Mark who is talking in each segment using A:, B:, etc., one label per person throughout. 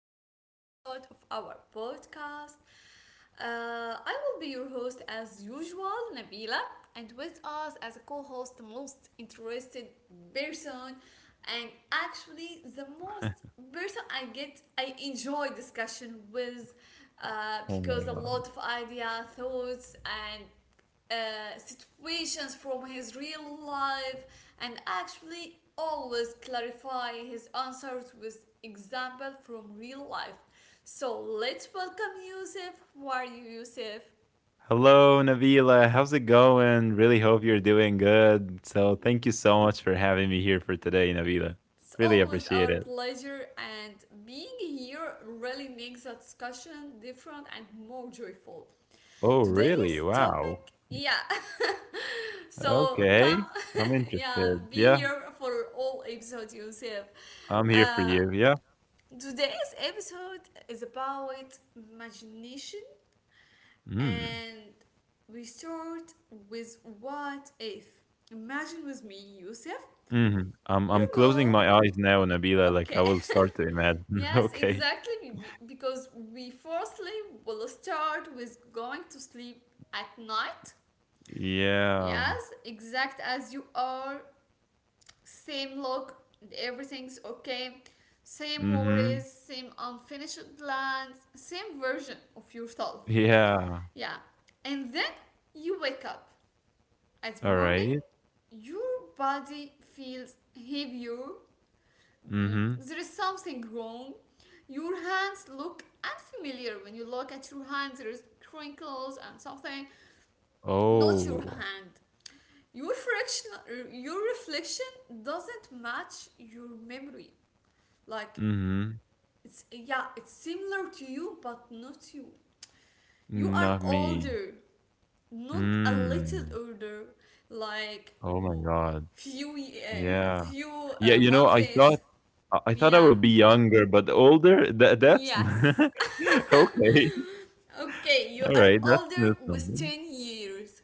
A: new episode of our podcast. I will be your host as usual, Nabila, and with us as a co host, the most interested person, and actually the most person I enjoy discussion with,
B: Oh
A: because
B: my
A: a
B: God.
A: lot of idea, thoughts, and, situations from his real life, and actually always clarify his answers with example from real life. So let's welcome Yusuf. How are you, Yusuf?
B: Hello, Nabila. How's it going? Really hope you're doing good. So, thank you so much for having me here for today, Nabila.
A: It's
B: Really
A: always
B: appreciate
A: our
B: it.
A: pleasure, and being here really makes the discussion different and more joyful.
B: Oh, really?
A: Today's
B: Wow.
A: topic, yeah. So come,
B: Okay. I'm
A: yeah,
B: interested.
A: be
B: Yeah,
A: here for all episodes, Yusuf.
B: I'm here for
A: Uh,
B: you. Yeah.
A: Today's episode is about imagination,
B: Mm.
A: and we start with what if. Imagine with me, Yusuf.
B: Hmm. I'm
A: You
B: I'm closing
A: go.
B: my eyes now, Nabila. Like I
A: Okay.
B: will start to imagine.
A: Yes,
B: Okay.
A: exactly. Because we firstly will start with going to sleep at night.
B: Yeah.
A: Yes, exact as you are, same look, everything's okay, same
B: Mm-hmm.
A: worries, same unfinished plans, same version of yourself.
B: Yeah.
A: Yeah. And then you wake up at
B: All
A: morning,
B: right.
A: your body feels heavier,
B: Mm-hmm.
A: there is something wrong. Your hands look unfamiliar. When you look at your hands, there is crinkles and something, not your
B: Oh.
A: hand. Your reflection doesn't match your memory. Like,
B: Mm-hmm.
A: it's similar to you, but not you are
B: Not me.
A: older, not a little
B: Mm.
A: older, like
B: Oh my god. Yeah.
A: few
B: Yeah, you know, I
A: months.
B: thought I I thought I
A: Yeah.
B: will be younger, but older? That's
A: Yes.
B: okay.
A: Okay, you
B: All
A: are
B: right, that's
A: older
B: that's
A: with
B: something.
A: 10 years.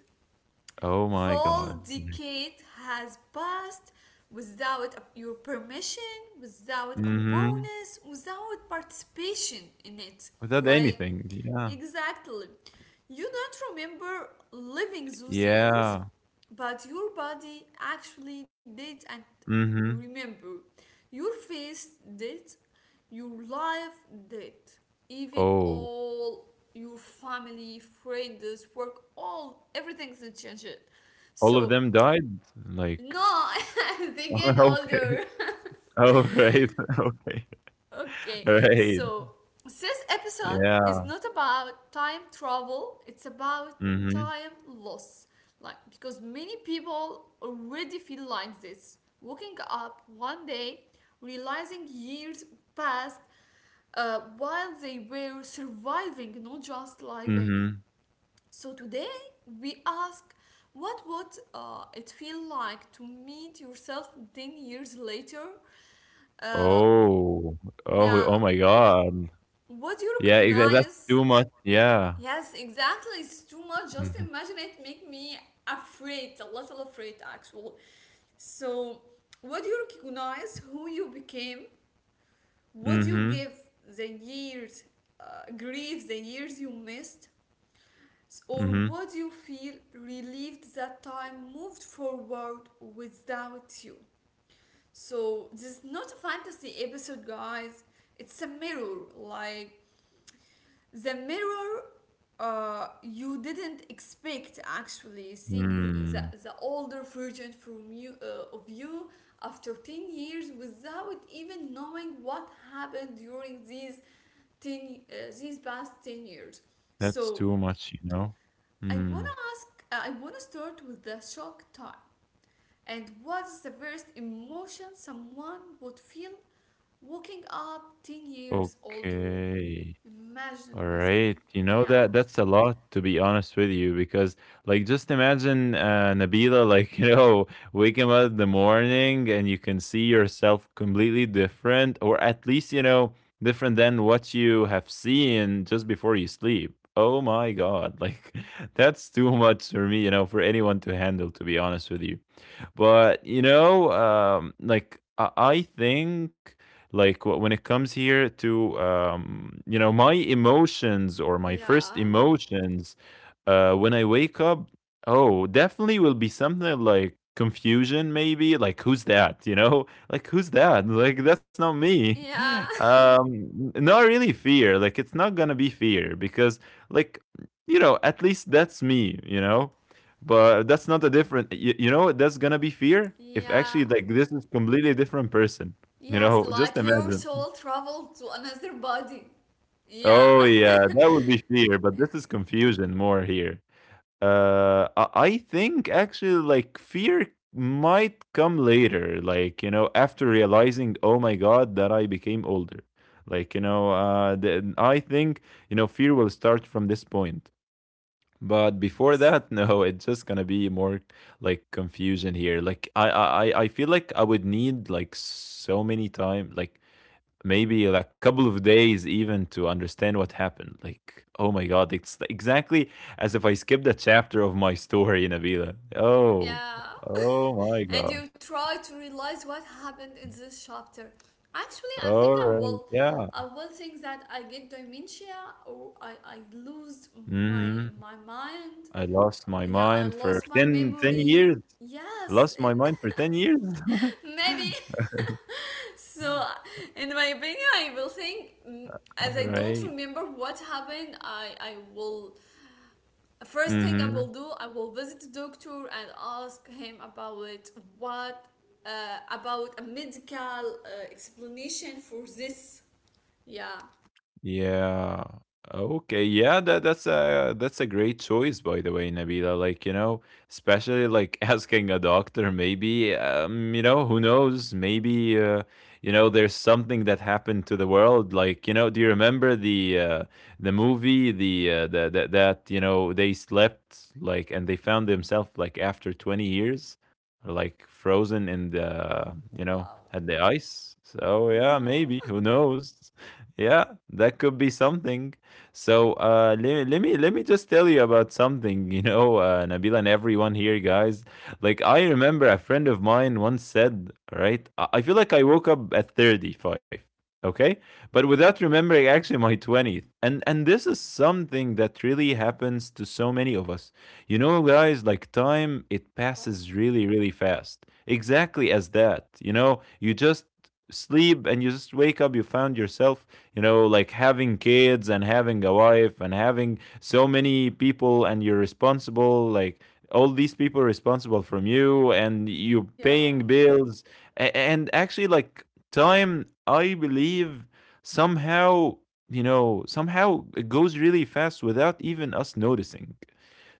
B: Oh my
A: Full
B: god. Like,
A: decade has passed without your permission, without
B: mhm.
A: awareness, without participation in it.
B: Without
A: Like,
B: anything. Yeah.
A: exactly. You don't remember living those years,
B: Yeah.
A: but your body actually did and
B: Mhm.
A: remember. Your face did, your life did, even
B: Oh.
A: all your family, friends, work, all everything's changed.
B: All of
A: So,
B: them died? Like
A: no, they get
B: okay.
A: older.
B: All right. Okay.
A: Okay,
B: All right.
A: so this episode is
B: Yeah.
A: not about time travel, it's about
B: Mhm.
A: time loss. Like, because many people already feel like this. Waking up one day, realizing years passed, while they were surviving, not just living.
B: Mhm.
A: So today we ask, what would it feel like to meet yourself 10 years later? Uh,
B: Oh. Oh,
A: yeah,
B: oh my god.
A: what do you
B: Yeah, exa that's
A: recognize?
B: too much. Yeah.
A: Yes, exactly. It's too much. Just
B: Mhm.
A: imagine, it make me afraid, a little afraid actually. So, what do you recognize who you became? What do you
B: Mhm.
A: give the years, grief, the years you missed? Or
B: Mhm.
A: would you feel relieved that time moved forward without you? So, this is not a fantasy episode, guys. It's a mirror. Like, the mirror, you didn't expect actually seeing you the,
B: Mm.
A: the older version from you of you after 10 years without even knowing what happened during these 10 uh, these past 10 years.
B: That's
A: So
B: too much, you know?
A: I
B: Mm.
A: wanna ask, I wanna start with the shock type. And what's the first emotion someone would feel waking up 10 years older?
B: Okay. All
A: Imagine with me.
B: right, you know
A: Yeah.
B: that that's a lot to be honest with you because like just imagine Nabila, like you know, waking up in the morning and you can see yourself completely different, or at least you know, different than what you have seen just before you sleep. Oh my god, like that's too much for me, you know, for anyone to handle, to be honest with you. But you know, like I think, like when it comes here to you know, my emotions or my first
A: Yeah.
B: emotions when I wake up, oh, definitely will be something like confusion. Maybe like, who's that, you know? Like, who's that? Like, that's not me.
A: Yeah.
B: Not really fear. Like, it's not gonna be fear because, like, you know, at least that's me, you know. But that's not a different. You know what, that's gonna be fear if actually,
A: Yeah.
B: like, this is completely different person. You
A: Yes,
B: know, just
A: like your
B: imagine.
A: soul traveled to another body. Yeah.
B: Oh yeah, that would be fear, but this is confusion more here. I think actually, like, fear might come later, like, you know, after realizing, oh my god, that I became older. Like, you know, I think, you know, fear will start from this point. But before
A: Yes.
B: that, no, it's just gonna be more like confusion here. Like, I feel like I would need like so many time, like maybe like a couple of days even to understand what happened. Like, oh my god, it's exactly as if I skipped a chapter of my story in Avila. Oh,
A: Yeah.
B: oh my
A: And
B: god.
A: you try to realize what happened in this chapter. Actually, I
B: All
A: think I
B: right,
A: will.
B: yeah.
A: I will think that I get dementia, or I lose my
B: Hmm.
A: my mind.
B: I lost my
A: Yeah, I
B: mind for
A: lost my
B: ten ten
A: memory.
B: years. I
A: Yes,
B: lost my mind for 10 years.
A: maybe. So, in my opinion, I will think,
B: All
A: as I don't
B: right.
A: remember what happened, I will first thing I
B: Mm-hmm.
A: will do, I will visit the doctor and ask him about what about a medical explanation for this. Yeah.
B: Yeah. Okay. Yeah, that's a great choice, by the way, Nabila. Like, you know, especially like asking a doctor, maybe who knows? Maybe there's something that happened to the world. Like, you know, do you remember the movie, the that, you know, they slept like and they found themselves like after 20 years, like frozen in the
A: Wow.
B: had the ice. So yeah,
A: No.
B: maybe, who knows? Yeah, that could be something. So let me just tell you about something, you know, Nabila and everyone here, guys. Like, I remember a friend of mine once said, right, I feel like I woke up at 35, okay, but without remembering actually my 20th. And this is something that really happens to so many of us. You know, guys, like, time, it
A: Yeah.
B: passes really really fast. Exactly as that, you know, you just sleep and you just wake up, you found yourself, you know, like having kids and having a wife and having so many people, and you're responsible, like all these people responsible from you, and you're
A: Yeah.
B: paying bills. And actually, like, time, I believe, somehow, somehow it goes really fast without even us noticing.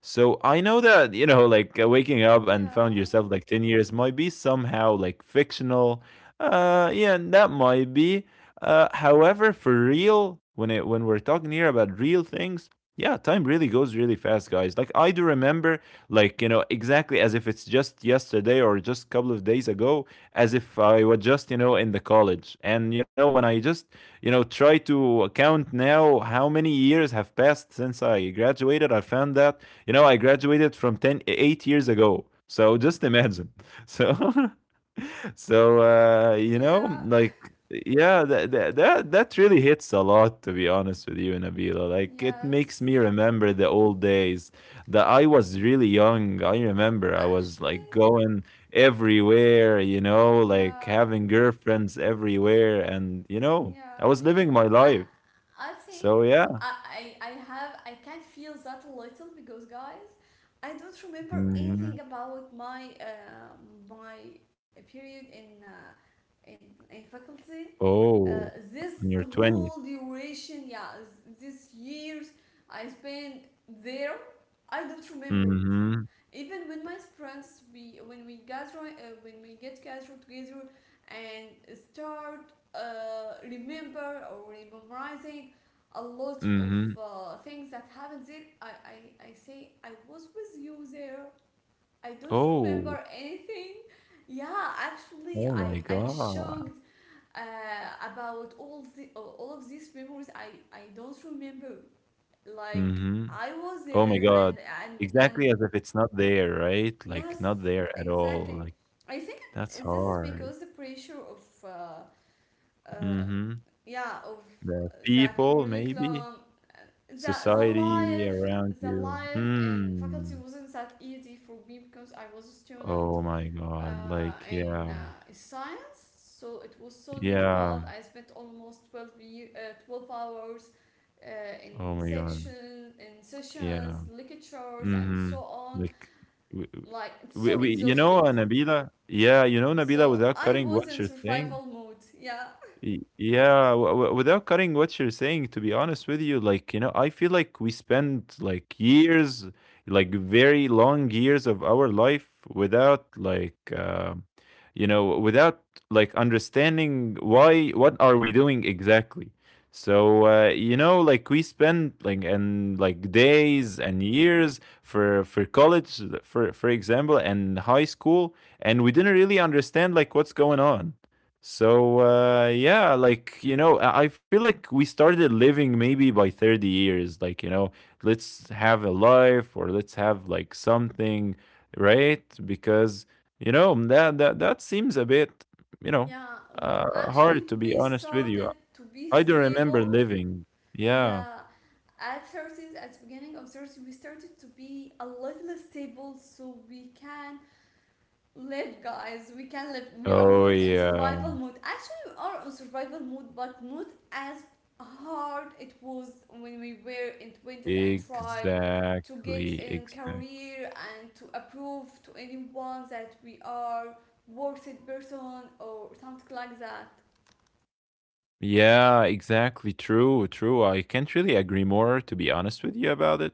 B: So I know that, you know, like, waking up and
A: Yeah.
B: found yourself like 10 years might be somehow like fictional. Yeah, that might be. However, for real, when, it when we're talking here about real things, yeah, time really goes really fast, guys. Like, I do remember, like, you know, exactly as if it's just yesterday or just a couple of days ago, as if I was just, you know, in the college. And you know, when I just, you know, try to count now how many years have passed since I graduated, I found that, you know, I graduated from ten eight years ago. So just imagine. So, so
A: Yeah.
B: like, yeah, that really hits a lot, to be honest with you, Nabila. Like, it makes
A: Yes.
B: me remember the old days that I was really young. I remember I was
A: Actually,
B: like going everywhere, you know, like
A: yeah.
B: having girlfriends everywhere, and you know,
A: Yeah.
B: I was living my
A: I
B: life.
A: I think,
B: So yeah.
A: I, I can feel that a little, because, guys, I don't remember
B: Mhm.
A: anything about my period in in faculty, uh,
B: Oh,
A: this
B: on your
A: whole duration. Yeah, this years I spent there, I don't remember it.
B: 20th.
A: Even with my friends, we when we gather when we get gathered together and start, remember or memorizing a lot of
B: Mhm.
A: things that happened there, I say I was with you there, I don't
B: Oh.
A: remember anything. Yeah, actually
B: Oh
A: i
B: my
A: i
B: god.
A: shocked about all of these memories, I don't remember. Like,
B: Mhm.
A: I was
B: Oh my
A: there
B: god.
A: and
B: Exactly as if it's not there, right? Like,
A: Yes,
B: not there at all.
A: exactly.
B: Like,
A: I think
B: that's
A: this is
B: hard.
A: because the pressure of, uh,
B: Mhm.
A: yeah, of
B: The
A: the
B: people maybe,
A: curriculum, uh, the
B: society
A: life,
B: around
A: the
B: you.
A: life in faculty
B: Hmm.
A: wasn't that easy for me, because I was a student
B: Oh my
A: uh,
B: god. Like,
A: in
B: yeah.
A: science, so it was so
B: Yeah.
A: difficult. I spent almost 12 year, 12 hours. Uh,
B: Oh my god.
A: in sessions,
B: Yeah.
A: lectures, and so
B: Mhm.
A: on.
B: Like, we,
A: Like, it's
B: we,
A: so
B: we you know,
A: exhausted,
B: Nabila? Yeah, you know Nabila,
A: so
B: without
A: I
B: cutting
A: was
B: what
A: in
B: you're saying?
A: survival mode. Yeah.
B: Yeah, without cutting what you're saying, to be honest with you, like, you know, I feel like we spend like years, like very long years of our life without like, without like understanding why, what are we doing exactly. So, like, we spend like, and like, days and years for college, for example, and high school, and we didn't really understand like what's going on. So yeah, like, you know, I feel like we started living maybe by 30 years. Like, you know, let's have a life, or let's have like something, right? Because you know that that seems a bit, you know,
A: Yeah. Actually,
B: hard to be
A: we
B: honest with you.
A: started to be
B: I don't remember
A: stable.
B: living. Yeah.
A: Yeah. At 30s, at the beginning of 30, we started to be a little stable, so we can live, guys. We can live. We are
B: Oh
A: not in
B: yeah.
A: survival mode. Actually, we are on survival mode, but not as hard it was when we were in 20s and try to get
B: Exactly.
A: a
B: Exactly.
A: career and to approve to anyone that we are worthy person or something like that,
B: Yeah, exactly. True, true. I can't really agree more, to be honest with you, about it.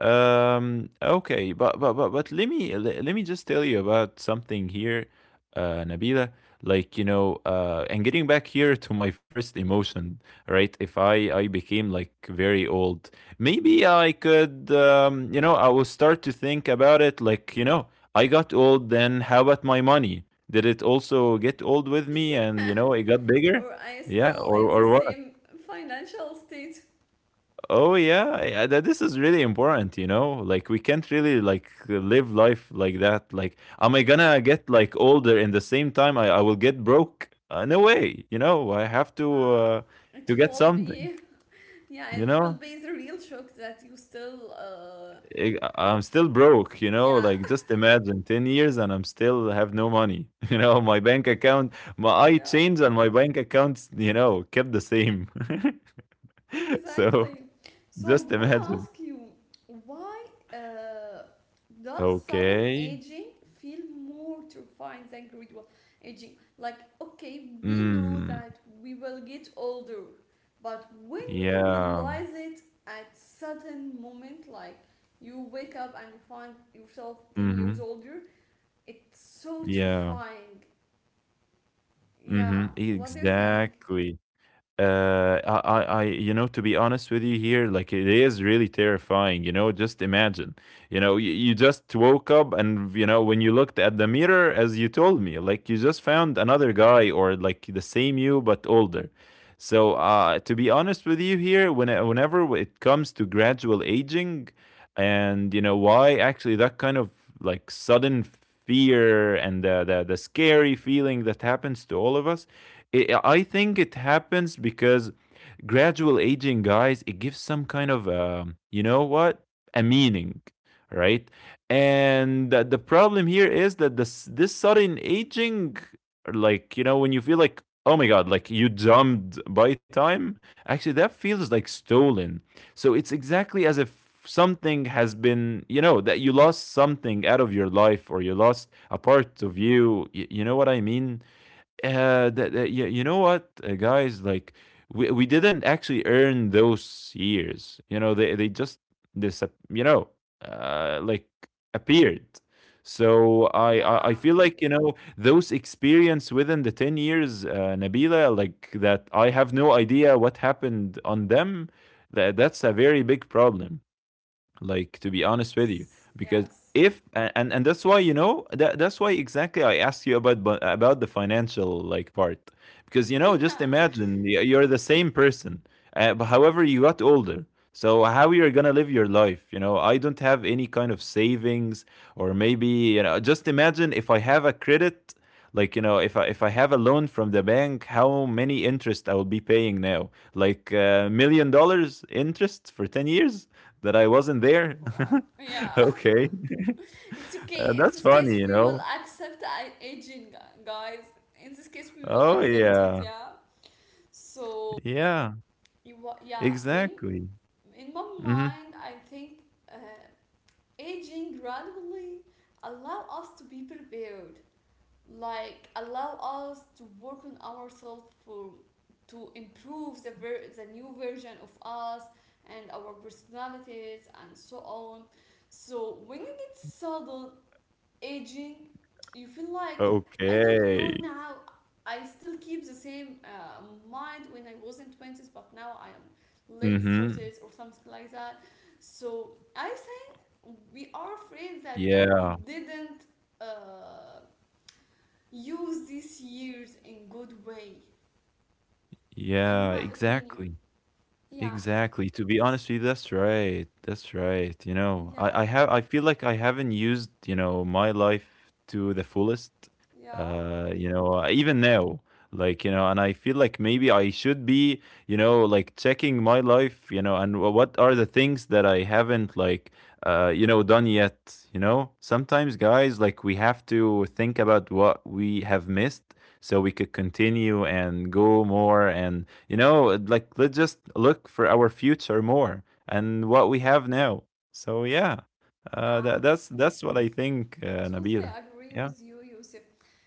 B: Okay, but but let me, let me just tell you about something here, Nabila. Like, you know, and getting back here to my first emotion, right? If I became like very old, maybe I could, I will start to think about it. Like, you know, I got old. Then, how about my money? Did it also get old with me? And you know, it got bigger.
A: or I'm
B: Yeah,
A: still
B: or
A: in the
B: or what?
A: same financial state,
B: Oh yeah, yeah, that this is really important, you know? Like, we can't really like live life like that. Like, am I gonna get like older in the same time I will get broke? No way, you know. I have to
A: uh,
B: uh,
A: it
B: to get
A: will
B: something,
A: be. Yeah,
B: you
A: it
B: know?
A: will be the real shock that you still,
B: I'm still broke, you know?
A: yeah.
B: Like, just imagine 10 years and I'm still have no money. You know, my bank account, my I
A: Yeah.
B: changed and my bank accounts, you know, kept the same. So
A: Exactly. So I
B: just
A: want to
B: imagine.
A: ask you, why uh, does sudden
B: Okay.
A: aging feel more terrifying than gradual aging? Like, okay, we know
B: Mm.
A: that we will get older, but when we
B: Yeah.
A: realize it at sudden moment, like you wake up and you find yourself 10 years
B: Mhm.
A: older, it's so
B: Yeah.
A: terrifying. Yeah.
B: Mhm.
A: What do you think?
B: Exactly. I you know, to be honest with you here, like, it is really terrifying. You know, just imagine, you know, you just woke up and, you know, when you looked at the mirror, as you told me, like, you just found another guy, or like the same you, but older. So, to be honest with you here, whenever it comes to gradual aging, and, you know, why actually that kind of like sudden fear, and the scary feeling that happens to all of us, I think it happens because gradual aging, guys, it gives some kind of, you know what, a meaning, right? And the problem here is that this sudden aging, like, you know, when you feel like, oh my god, like you jumped by time, actually that feels like stolen. So it's exactly as if something has been, you know, that you lost something out of your life, or you lost a part of you. You know what I mean? That, you know what, guys, like, we didn't actually earn those years. You know, they just, this, you know, like, appeared. So I
A: Yeah.
B: feel like, you know, those experience within the 10 years, Nabila, like, that I have no idea what happened on them. That's a very big problem, like, to be honest with you,
A: Yes.
B: because
A: Yes.
B: if a- and that's why, you know, that's why exactly I asked you about about the financial, like, part, because, you know,
A: Yeah.
B: just imagine you're the same person, but however, you got older. So how you're gonna live your life? You know, I don't have any kind of savings. Or maybe, you know, just imagine if I have a credit, like, you know, if I have a loan from the bank, how many interest I will be paying now? Like $1,000,000 interest for 10 years that I wasn't there?
A: Wow. Yeah.
B: Okay.
A: It's
B: Uh,
A: okay. In
B: that's
A: this case,
B: funny, you
A: we will
B: know?
A: accept aging, guys. In this case, we will
B: Oh,
A: accept it.
B: yeah.
A: Yeah. So,
B: Yeah,
A: yeah. In
B: exactly.
A: in my
B: Mm-hmm.
A: mind, I think, uh, aging gradually allow us to be prepared. Like, allow us to work on ourselves for to improve the new version of us and our personalities and so on. So when you get sudden aging, you feel like, I don't know,
B: Okay.
A: now I still keep the same mind when I was in 20s, but now I am late
B: Mm-hmm.
A: 30s or something like that. So I say, we are afraid that we
B: Yeah.
A: didn't uh, use these years in good way,
B: Yeah,
A: in my opinion.
B: exactly.
A: Yeah.
B: Exactly. To be honest with you, that's right. That's right. You know, I, I
A: Yeah.
B: have I feel like I haven't used, you know, my life to the fullest.
A: Yeah.
B: You know, even now. Like, you know, and I feel like maybe I should be, you know, like, checking my life, you know, and what are the things that I haven't, like, you know, done yet, you know? Sometimes, guys, like, we have to think about what we have missed, so we could continue and go more, and, you know, like, let's just look for our future more and what we have now. So yeah, uh,
A: Yeah,
B: that that's that's what I think,
A: totally
B: Nabila.
A: agree
B: Yeah.
A: with you, Yusuf.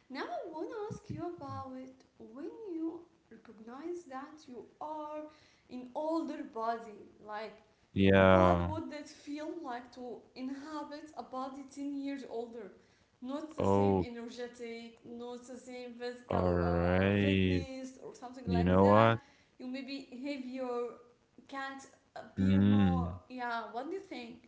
A: Now I want to ask you about when you recognize that you are an older body. Like, what
B: Yeah.
A: would it feel like to inhabit a body 10 years older? Not the same
B: Oh,
A: energetic, not the same
B: all
A: physical
B: right.
A: fitness or something
B: You
A: like
B: know
A: that.
B: what?
A: You maybe heavier, can't appear more.
B: Mm.
A: Yeah, what do you think?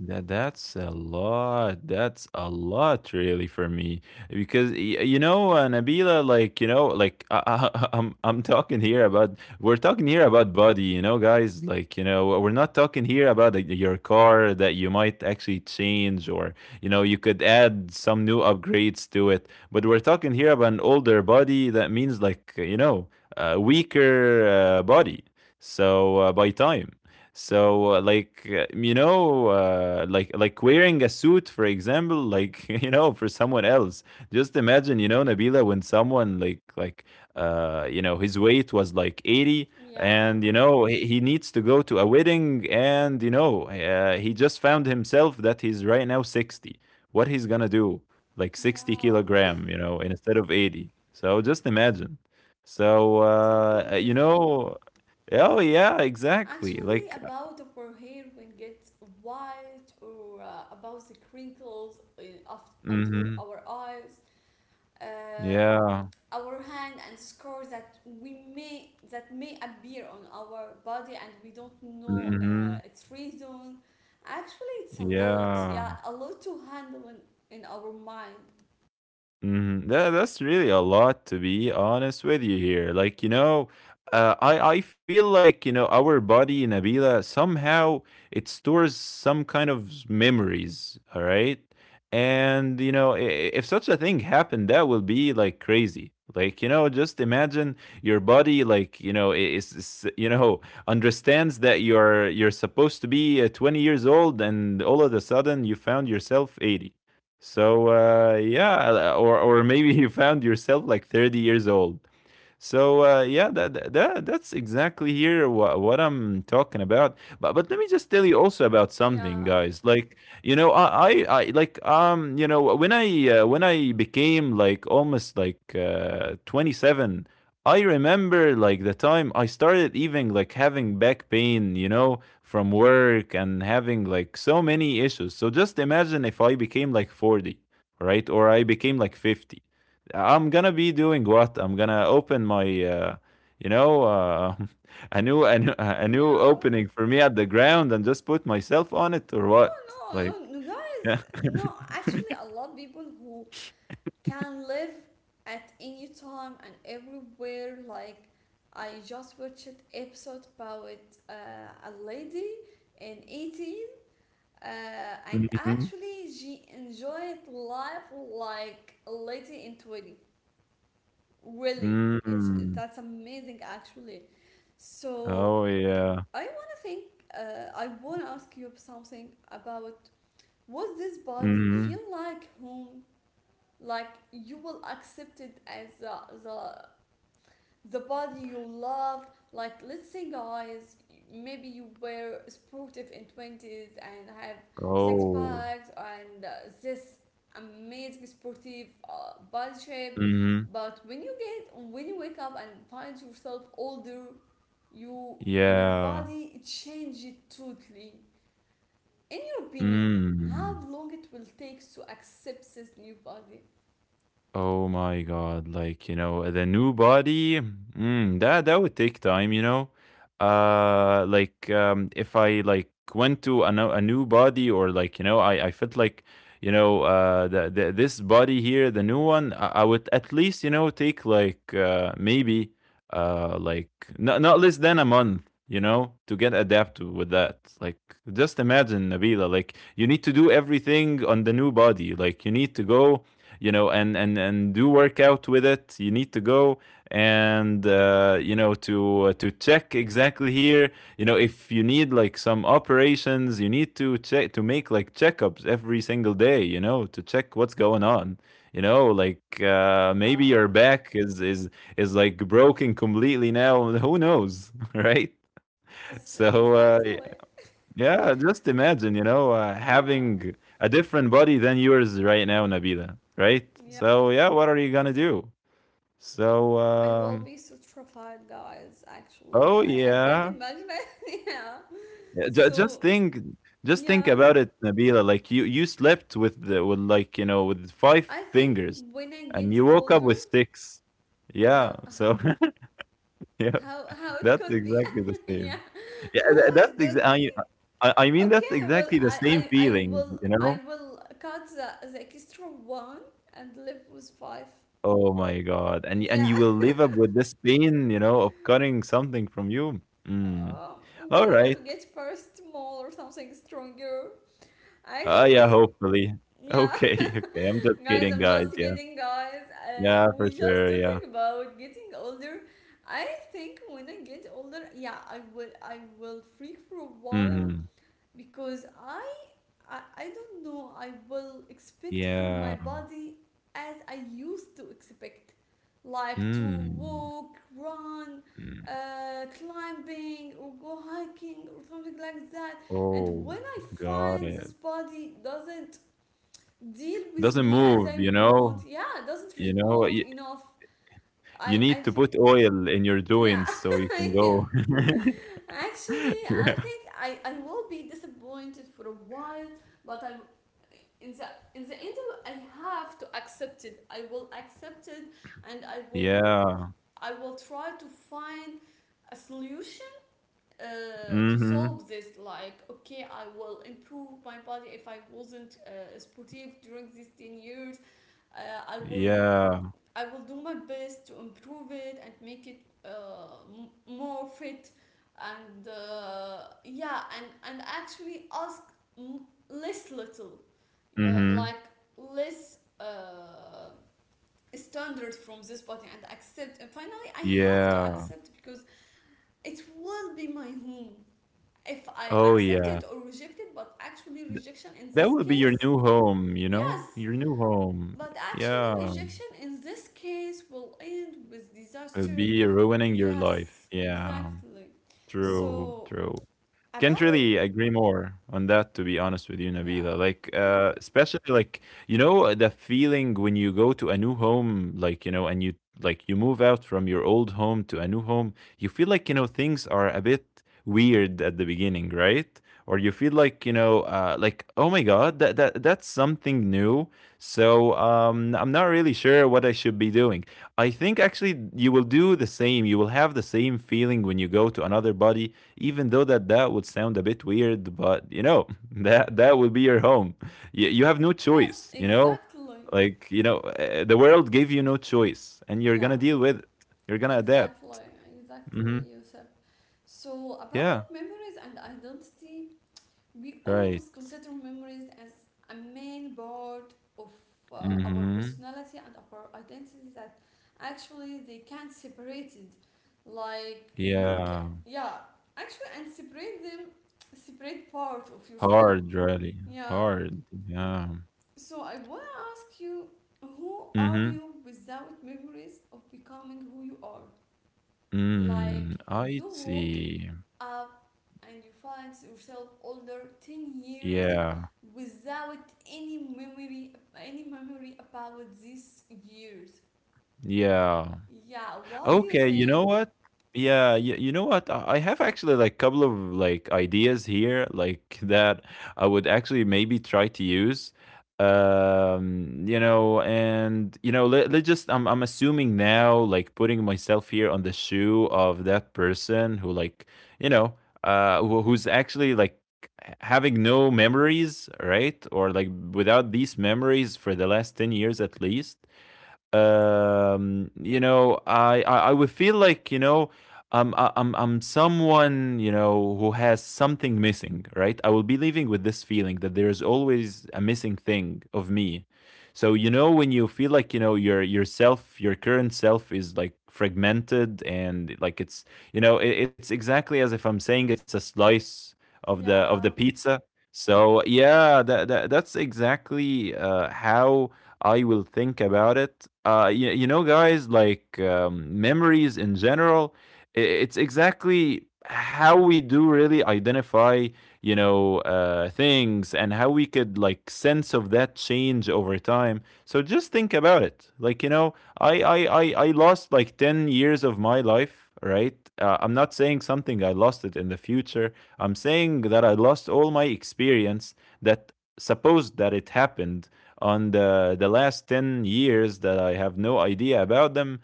B: That's a lot. That's a lot, really, for me, because you know, Nabila, like, you know, like, I'm talking here about we're talking here about body, you know, guys. Like, you know, we're not talking here about, like, your car that you might actually change, or, you know, you could add some new upgrades to it. But we're talking here about an older body. That means, like, you know, a weaker body. So by time. So you know, like wearing a suit, for example, like, you know, for someone else. Just imagine, you know, Nabila, when someone like you know, his weight was like 80,
A: Yeah.
B: and you know, he needs to go to a wedding, and you know, he just found himself that he's right now 60. What he's gonna do? Like 60
A: Yeah,
B: kilogram, you know, instead of 80. So just imagine. So
A: totally
B: you
A: with you.
B: know. Oh yeah, exactly.
A: Actually,
B: Like,
A: about upper hair when gets white, or about the crinkles in, aft onto
B: Mhm.
A: our eyes, um,
B: Yeah.
A: our hand and scars that we may that may appear on our body, and we don't know
B: Mhm.
A: its reason. Actually, it's a lot. Yeah,
B: Yeah.
A: a lot to handle in our mind.
B: Mhm. That's really a lot, to be honest with you here. Like, you know, I feel like, you know, our body, Nabila, somehow it stores some kind of memories. All right. And, you know, if such a thing happened, that would be like crazy. Like, you know, just imagine your body, like, you know, is, you know, understands that you're supposed to be 20 years old, and all of a sudden you found yourself 80. So yeah. Or maybe you found yourself like 30 years old. So yeah, that's exactly here what I'm talking about. But let me just tell you also about something,
A: Yeah,
B: guys. Like, you know, I like you know when I became like almost like 27, I remember like the time I started even like having back pain, you know, from work and having like so many issues. So just imagine if I became like 40, right, or I became like 50. I'm gonna be doing what? I'm gonna open my, you know, uh, a new
A: yeah.
B: opening for me at the ground and just put myself on it, or
A: Oh,
B: what?
A: no,
B: Like,
A: no, no,
B: yeah.
A: guys, no. Actually, a lot of people who can live at any time and everywhere. Like, I just watched episode about, uh, a lady in 18, and
B: Mhm.
A: actually she enjoyed life like a lady in 20. Really, it's
B: Mm.
A: that's amazing. Actually, so
B: Oh yeah.
A: I wanna think. I wanna ask you something about, was this body feel
B: Mhm.
A: like home? Like, you will accept it as the, the body you loved. Like, let's say, guys, maybe you were sportive in twenties and have six
B: Oh.
A: packs and, this amazing sportive body shape.
B: Mhm.
A: But when you get when you wake up and find yourself older, you your
B: Yeah.
A: body changed totally. In your opinion, how
B: Mm.
A: long it will take to accept this new body?
B: Oh my God, like, you know, the new body, mm, that that would take time, you know. Like if I like went to a, a new body, or like, you know, I felt like, you know, the this body here, the new one, I would at least, you know, take like maybe uh like not not less than a month, you know, to get adapted with that. Like, just imagine, Nabila, like, you need to do everything on the new body. Like, you need to go, you know, and do workout with it. You need to go and to check exactly here, you know, if you need like some operations. You need to check to make like checkups every single day, you know, to check what's going on, you know. Like,
A: Yeah.
B: maybe your back is is like broken completely now. Who knows? Right?
A: Yes,
B: So
A: exactly.
B: yeah, just imagine, you know,
A: Yeah.
B: having a different body than yours right now, Nabila, right?
A: Yeah.
B: So, yeah, what are you gonna do? So,
A: I will be so terrified, guys. Actually,
B: oh
A: I can't
B: yeah.
A: imagine it. Yeah.
B: Yeah,
A: So
B: just think
A: yeah,
B: about it, Nabila. Like, you slept with the, with, like, you know, with five
A: I think
B: fingers,
A: when I
B: and
A: get
B: you woke up
A: older,
B: with six.
A: how
B: Yeah, so yeah,
A: how it
B: that's
A: could be.
B: exactly the
A: Yeah.
B: same. Yeah,
A: How
B: that's
A: it could be.
B: exactly. I mean, that's
A: Okay. Well,
B: exactly the
A: I
B: same
A: I I
B: feeling,
A: will
B: you
A: I
B: know.
A: will cut the extra one and live with five.
B: Oh my god. And and
A: Yeah.
B: you will live up with this pain, you know, of cutting something from you. Mm.
A: Um,
B: All
A: we
B: right.
A: will get first mole or something stronger.
B: Ah, yeah,
A: Actually,
B: hopefully.
A: yeah,
B: Okay, okay. I'm just
A: guys,
B: kidding,
A: I'm just
B: guys. Yeah.
A: kidding, guys.
B: Yeah, for
A: We just
B: sure. Yeah.
A: talking about getting older. I think when I get older, yeah, I will freak for a while,
B: Hmm.
A: because I don't know I will expect from my
B: Yeah.
A: body as I used to expect, like to
B: Mm.
A: walk, run,
B: Mm.
A: climbing, or go hiking, or something like that. And
B: Oh,
A: when I
B: got
A: find
B: it.
A: this body doesn't deal with
B: Doesn't
A: me as
B: move,
A: I
B: you
A: want,
B: know?
A: yeah, doesn't
B: You know,
A: respond
B: you,
A: enough,
B: you
A: I, I,
B: need to
A: th-
B: put oil in your
A: yeah.
B: doings so you can
A: Yeah.
B: go.
A: Actually,
B: Yeah.
A: I think I will be disappointed for a while, but I in the in the end I have to accept it. I will accept it, and I will
B: Yeah.
A: I will try to find a solution to
B: Mm-hmm.
A: solve this. Like, okay, I will improve my body if I wasn't sportive during these 10 years. Uh, I will
B: Yeah.
A: I will do my best to improve it and make it more fit, and yeah, and actually ask m- less little, yeah,
B: Mm-hmm.
A: like less standard from this body, and accept, and finally I have to
B: Yeah.
A: accept because it will be my home if I
B: Oh,
A: accept
B: yeah.
A: it or reject it. But actually
B: Th
A: rejection in
B: That
A: this
B: would be your
A: case
B: new home, you know?
A: Yes.
B: Your new home.
A: But actually,
B: Yeah.
A: rejection in this case will end with
B: It'd
A: disaster.
B: be ruining your life.
A: Yes,
B: Yeah.
A: exactly.
B: True,
A: So,
B: true. Can't
A: about it,
B: really agree more on that, to be honest with you, Nabila.
A: yeah,
B: Like,
A: thank you.
B: especially like, you know, the feeling when you go to a new home, like, you know, and you like you move out from your old home to a new home. You feel like, you know, things are a bit weird at the beginning, right? Or you feel like, you know, like, oh my god, that's something new. So I'm not really sure what I should be doing. I think actually you will do the same. You will have the same feeling when you go to another body, even though that that would sound a bit weird, but you know that that will be your home. You have no
A: Yes,
B: choice, you know.
A: exactly.
B: Like, you know, the world gave you no choice, and you're
A: Yeah,
B: gonna deal with it. You're gonna adapt.
A: exactly, exactly,
B: Mm-hmm.
A: Yusuf. So,
B: Yeah.
A: about memories and identity, we
B: Right.
A: always consider memories as a main part of our
B: Mm-hmm.
A: personality and our identity, that actually they can't separate it. Like, you can,
B: Yeah.
A: yeah, actually, and separate them, separate part of yourself.
B: Hard, really.
A: Yeah.
B: Hard, yeah.
A: So I want to ask you, who are
B: Mm-hmm.
A: you without memories of becoming who you are? Like,
B: Mm, I
A: you walk
B: see.
A: up and you find yourself older 10 years
B: Yeah.
A: without any memory any memory about these years.
B: Yeah.
A: Yeah, what do you
B: Okay, you know
A: think?
B: what? Yeah, you know what? I have actually like couple of like ideas here like that I would actually maybe try to use. You know, and you know, let just I'm assuming now, like, putting myself here on the shoe of that person who, like, you know, who, who's actually like having no memories, right? Or like without these memories for the last 10 years at least. You know, I, I would feel like, you know, I'm someone, you know, who has something missing, right? I will be living with this feeling that there is always a missing thing of me. So you know, when you feel like, you know, your yourself, your current self, is like fragmented, and like it's, you know, it's exactly as if I'm saying it's a slice of the
A: Yeah.
B: pizza. So yeah, that's exactly how I will think about it. You know, guys, like, memories in general, it's exactly how we do really identify, you know, things, and how we could like sense of that change over time. So just think about it. Like, you know, I lost like 10 years of my life, right? I'm not saying something I lost it in the future. I'm saying that I lost all my experience that supposed that it happened on the last 10 years that I have no idea about them.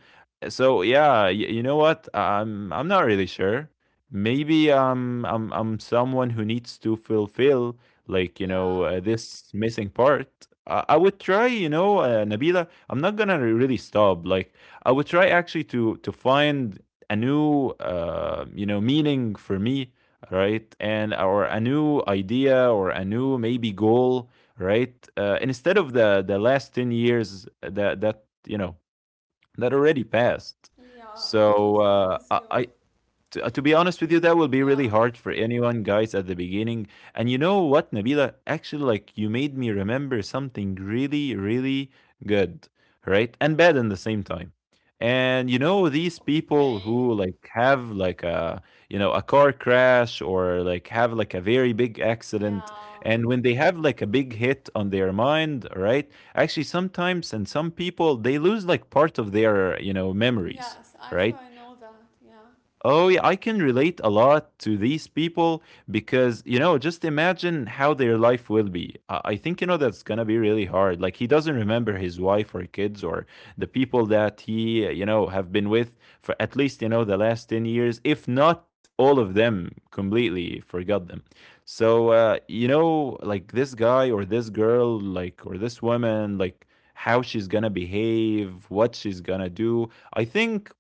B: So yeah, you know what? I'm not really sure. Maybe I'm someone who needs to fulfill, like, you know,
A: Yeah.
B: this missing part. I would try, you know, Nabila. I'm not gonna really stop. Like, I would try actually to find a new you know meaning for me, right? And or a new idea or a new maybe goal, right? Instead of the last 10 years that you know that already passed.
A: Yeah,
B: So
A: totally with you.
B: I to be honest with you, that will be really
A: Yeah.
B: hard for anyone, guys, at the beginning. And you know what, Nabila? Actually, like, you made me remember something really, really good, right? And bad at the same time. And you know, these people
A: Okay.
B: who like have like a car crash or like have like a very big accident.
A: Yeah.
B: And when they have like a big hit on their mind, right? Actually, sometimes and some people, they lose like part of their memories.
A: Yes, actually,
B: Right.
A: I know that. Yeah.
B: Oh, yeah, I can relate a lot to these people because, you know, just imagine how their life will be. I think, you know, that's going to be really hard. Like, he doesn't remember his wife or kids or the people that he have been with for at least, you know, the last 10 years, if not all of them completely forgot them. So, you know, like this guy or this girl, like, or this woman, like, how she's gonna behave, what she's gonna do. I think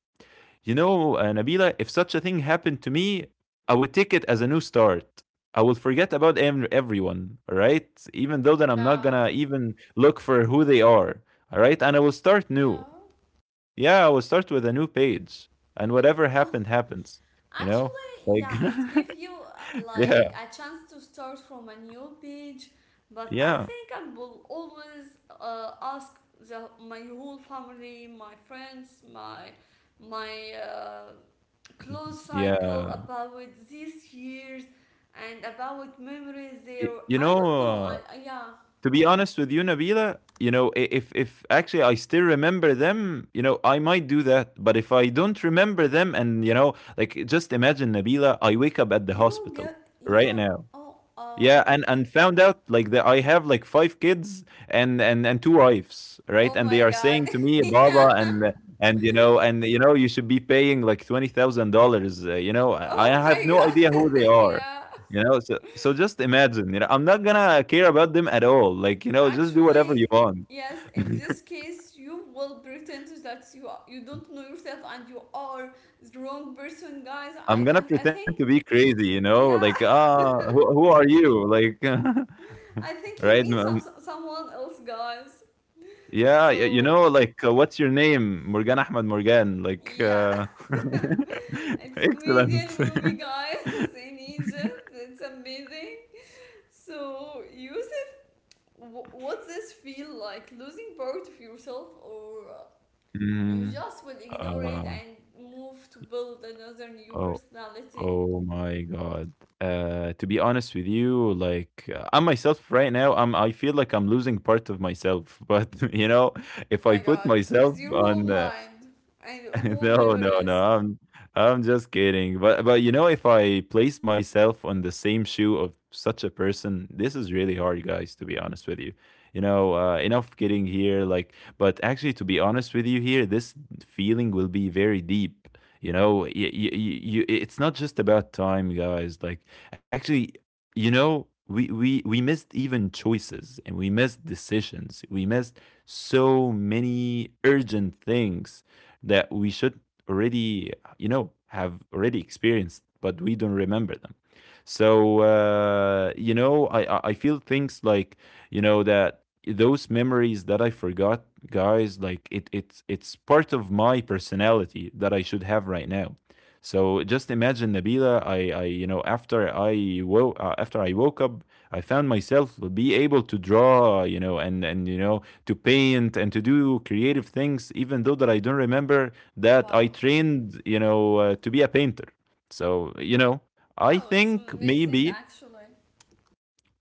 B: you know, Nabila, if such a thing happened to me, I would take it as a new start. I will forget about everyone, all right? Even though that I'm not
A: Yeah.
B: gonna even look for who they are, all right? And I will start new.
A: Yeah.
B: Yeah, I will start with a new page, and
A: Yeah.
B: whatever happened happens. You know,
A: Actually,
B: like
A: yeah, it gives you
B: yeah,
A: like a chance to start from a new page, but I
B: yeah,
A: think I will always ask my whole family, my friends, my close cycle
B: yeah.
A: about these years and about memories there.
B: You
A: I
B: know,
A: don't know. I, I yeah,
B: to be honest with you, Nabila, you know, if actually I still remember them, you know, I might do that. But if I don't remember them, and you know, like just imagine, Nabila, I wake up at the
A: you
B: hospital
A: get,
B: right
A: yeah.
B: now.
A: Oh,
B: Yeah,
A: oh,
B: and found out like that I have like five kids and two wives, right?
A: oh
B: And they
A: my
B: are
A: god.
B: saying to me, "Baba, and you know, you should be paying like $20,000." You know,
A: Oh
B: I
A: my
B: have no idea who
A: god.
B: they are.
A: Yeah.
B: You know, so just imagine. You know, I'm not gonna care about them at all. Like you know, just do whatever you
A: Actually,
B: want.
A: yes, in this case, you will pretend that you don't know yourself and you are the wrong person, guys. I
B: I'm gonna
A: I, I
B: pretend
A: think.
B: to be crazy. You know,
A: Yeah,
B: like who are you? Like.
A: I think you
B: Right.
A: mean someone else, guys.
B: Yeah, y you
A: So
B: know, like, what's your name? Morgan Ahmad Morgan, like,
A: yeah, it's comedian
B: Excellent.
A: movie, guys, in Egypt. It's amazing. So, Yusuf, what does this feel like? Losing part of yourself, or you
B: Mm,
A: just will ignore it
B: uh,
A: and move to build another new
B: oh
A: personality?
B: oh my god. To be honest with you, like, I'm myself right now. I feel like I'm losing part of myself, but, you know, if
A: Oh
B: I
A: my
B: put
A: god, with
B: myself
A: your
B: on,
A: whole mind and whole
B: No, no.
A: memories.
B: I'm just kidding. But you know, if I place myself on the same shoe of such a person, this is really hard, guys, to be honest with you. You know, enough kidding here, like, but actually, to be honest with you here, this feeling will be very deep. You know, you, it's not just about time, guys. Like, actually, you know, we missed even choices and we missed decisions. We missed so many urgent things that we should already, you know, have already experienced, but we don't remember them. So you know, I feel things like you know that those memories that I forgot, guys, like it's part of my personality that I should have right now. So just imagine, Nabila, I you know, after I woke up, I found myself be able to draw, you know, and you know, to paint and to do creative things, even though that I don't remember that I
A: Wow.
B: trained, you know, to be a painter. So you know,
A: Wow,
B: I
A: it's
B: think
A: amazing
B: maybe
A: actually.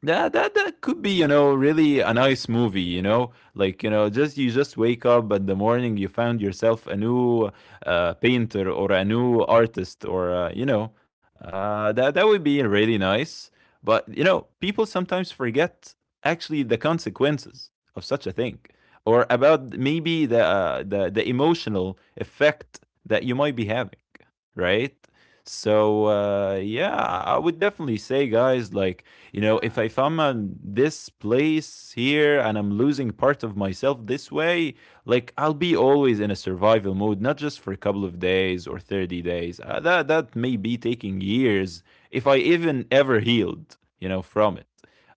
B: that that could be you know really a nice movie, you know, like you know, just you just wake up in the morning, you found yourself a new painter or a new artist, or you know, that would be really nice. But you know, people sometimes forget actually the consequences of such a thing, or about maybe the the emotional effect that you might be having, right? So yeah, I would definitely say, guys, like you know, if
A: Yeah.
B: I'm on this place here and I'm losing part of myself this way, like I'll be always in a survival mode, not just for a couple of days or 30 days. That may be taking years if I even ever healed, you know, from it.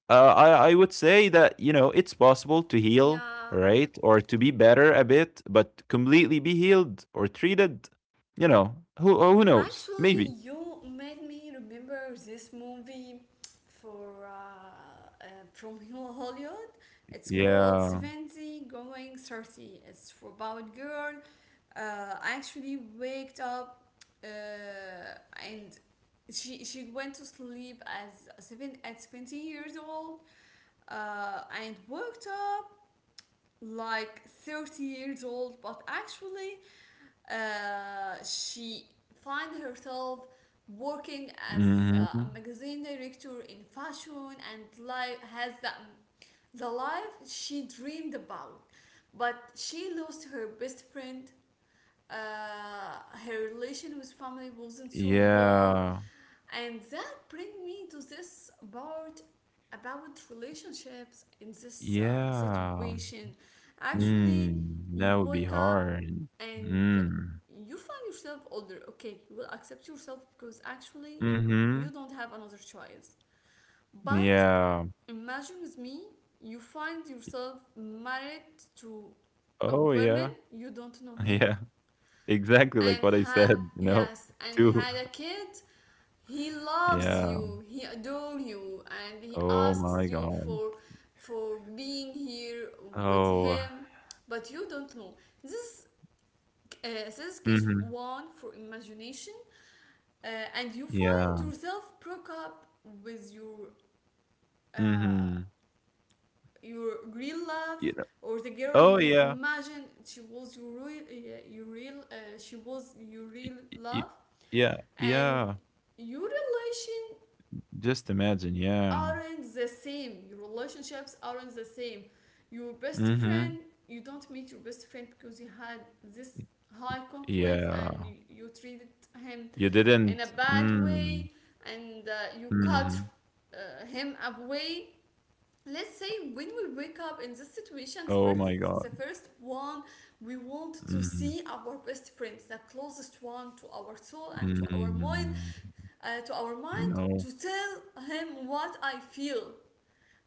B: I would say that you know it's possible to heal,
A: Yeah.
B: right, or to be better a bit, but completely be healed or treated, you know, who knows?
A: Actually,
B: Maybe.
A: you made me remember this movie for from Hollywood. It's called
B: Yeah.
A: 70 Going 30. It's about girl. Uh, actually waked up, uh, and she went to sleep as seven at 70 years old, and woke up like 30 years old, but actually she find herself working as
B: Hmm.
A: a magazine director in fashion, and life has the life she dreamed about, but she lost her best friend. uh, her relation with family wasn't so well,
B: Yeah.
A: and that bring me to this part about relationships in this
B: Yeah.
A: situation. Actually,
B: Mm,
A: you
B: that would be
A: wake up
B: hard.
A: and
B: Mm.
A: you find yourself older. Okay, you will accept yourself because actually
B: Mhm.
A: you don't have another choice. But
B: Yeah.
A: imagine with me, you find yourself married to a
B: Oh,
A: woman
B: yeah.
A: you don't know her,
B: Yeah. Exactly like
A: and
B: what I
A: ha
B: said, you know,
A: yes, and
B: too.
A: had a kid. He loves
B: Yeah.
A: you, he adores you, and he
B: Oh
A: asks
B: my
A: you
B: god.
A: for, being here with
B: Oh.
A: him, but you don't know this. This is case
B: Mhm.
A: one for imagination. uh, and you find
B: Yeah.
A: yourself broke up with your, uh,
B: Mhm.
A: your real love,
B: You know.
A: or the girl
B: Oh,
A: you
B: yeah.
A: imagined she was your real, she was your
B: Y
A: real
B: y
A: love,
B: y yeah,
A: and
B: yeah.
A: your relation
B: Just imagine, yeah.
A: aren't the same. Your relationships aren't the same. Your best
B: Mhm.
A: friend, you don't meet your best friend because you had this high conflict and
B: Yeah.
A: you treated him
B: You
A: in a
B: didn't
A: bad
B: mm.
A: way, and you
B: Mhm.
A: cut, him away. Let's say when we wake up in this situation,
B: Oh my god.
A: the first one, we want to
B: Mhm.
A: see our best friend, the closest one to our soul and to our mind,
B: Mm,
A: uh, to our
B: you
A: mind,
B: know,
A: to tell him what I feel,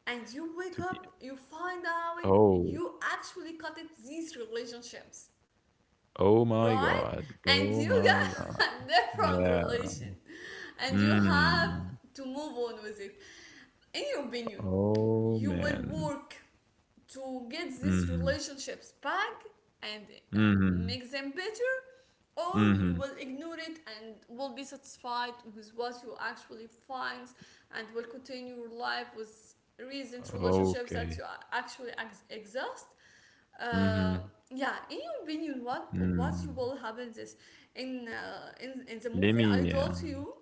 A: and you
B: to
A: wake
B: be
A: up, you find out
B: oh,
A: you actually cut it these relationships, right? And
B: oh
A: you
B: my god,
A: got a different
B: yeah,
A: relation, and you have
B: mm,
A: to move on with it. In your opinion,
B: oh
A: you will
B: man,
A: work to get these
B: mhm,
A: relationships back and uh,
B: mhm,
A: make them better, or you
B: mhm,
A: will ignore it and will be satisfied with what you actually find and will continue your life with recent relationships that
B: okay,
A: you actually exist. uh,
B: mhm,
A: yeah, in your opinion, what
B: mm,
A: will happen this in, in the movie
B: lemme,
A: idol
B: yeah.
A: to you,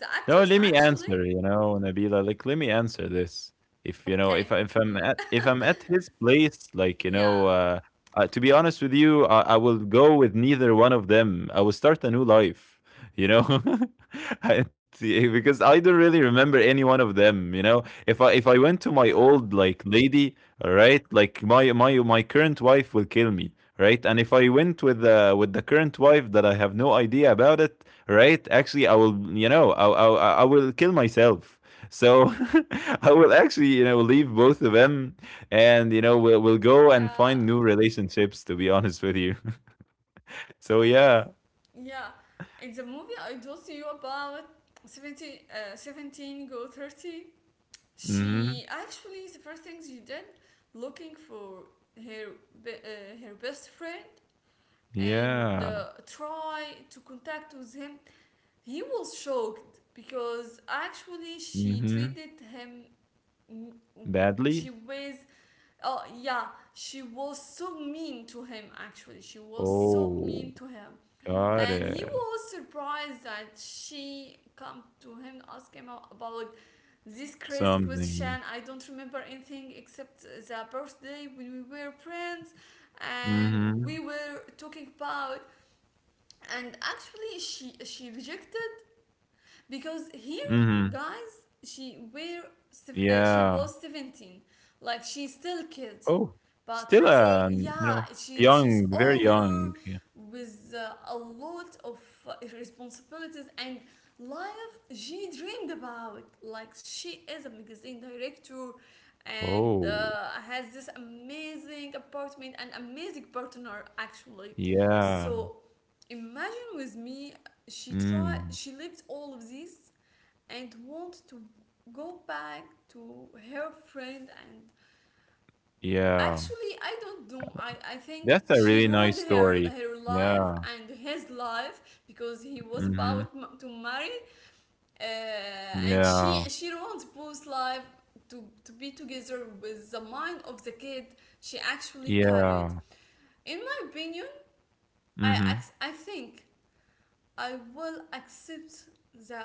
A: the
B: No,
A: actress
B: let me
A: actually.
B: answer, you know, Nabila, let me answer this. If you know,
A: Okay.
B: if I'm
A: Mm.
B: at his place, like you know,
A: Yeah.
B: to be honest with you, I will go with neither one of them. I will start a new life, you know, because I don't really remember any one of them. You know, if I went to my
A: Yeah.
B: old like lady, all right, like my current wife will kill me, right? And if I went with the current wife that I have no idea about it, right? Actually, I will, you know, I will kill myself. So I will actually, you know, leave both of them, and you know, we'll go and
A: Yeah.
B: find new relationships. To be honest with you, so
A: Actually,
B: yeah,
A: yeah, in the movie I told you about 70, 17 go 30,
B: mm-hmm.
A: she actually, the first thing she did, looking for her, her best friend, and
B: Yeah,
A: try to contact with him. He was shocked because actually she
B: mm-hmm.
A: treated him, mm, mm,
B: Badly.
A: she was, oh yeah, she was so mean to him actually. She was so
B: Oh,
A: mean to him,
B: got
A: and he
B: it.
A: was surprised that she come to him, ask him about this crazy
B: Something.
A: question. I don't remember anything except the birthday, when we were friends and we
B: Mm-hmm.
A: were talking about. And actually she rejected, because here,
B: Mm-hmm.
A: guys, she were she
B: Yeah.
A: was 17, like she's still kid,
B: Oh,
A: but
B: still, a
A: 30,
B: you
A: yeah,
B: know,
A: she she's
B: young, very
A: older
B: young, yeah.
A: with a lot of responsibilities and life she dreamed about, like she is a magazine director and
B: Oh,
A: has this amazing apartment and amazing partner actually.
B: yeah.
A: So imagine with me, she tried,
B: Mm,
A: she lived all of this and want to go back to her friend, and
B: yeah.
A: actually, I don't know. I think
B: That's a
A: she
B: really
A: ruined
B: nice story.
A: her life
B: Yeah.
A: and his life because he was
B: Mhm.
A: about to marry, uh, and she
B: Yeah.
A: she ruined both life to, be together with the mind of the kid she actually carried.
B: Yeah.
A: In my opinion,
B: Mhm.
A: I think I will accept the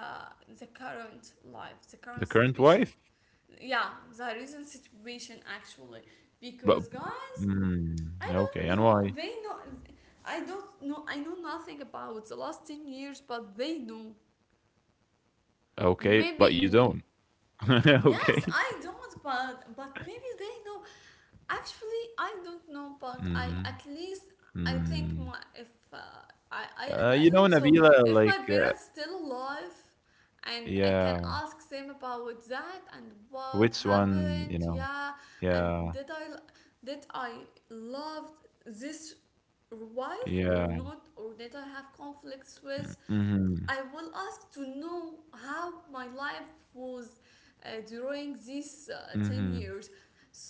A: the current life, the
B: The
A: current
B: current
A: situation.
B: wife?
A: Yeah, the recent situation actually,
B: But
A: because guys,
B: mm,
A: I don't
B: okay, and
A: know.
B: why?
A: They know. I don't know. I know nothing about the last 10 years, but they know.
B: Okay, but
A: Maybe.
B: you don't.
A: Yes,
B: Okay.
A: I don't, but maybe they know. Actually, I don't know, but I
B: Mhm.
A: at least, I think
B: Mm.
A: my, if I I and I
B: You know,
A: hope so.
B: Nabila,
A: If my
B: like,
A: parents still alive, and I can
B: yeah,
A: ask them about that, and what
B: which one,
A: happened,
B: you know?
A: yeah, and
B: Yeah.
A: did I love this wife or
B: Yeah.
A: not, or did I have conflicts
B: Mm,
A: with.
B: mhm.
A: I will ask to know how my life was during these 10
B: Mhm.
A: years.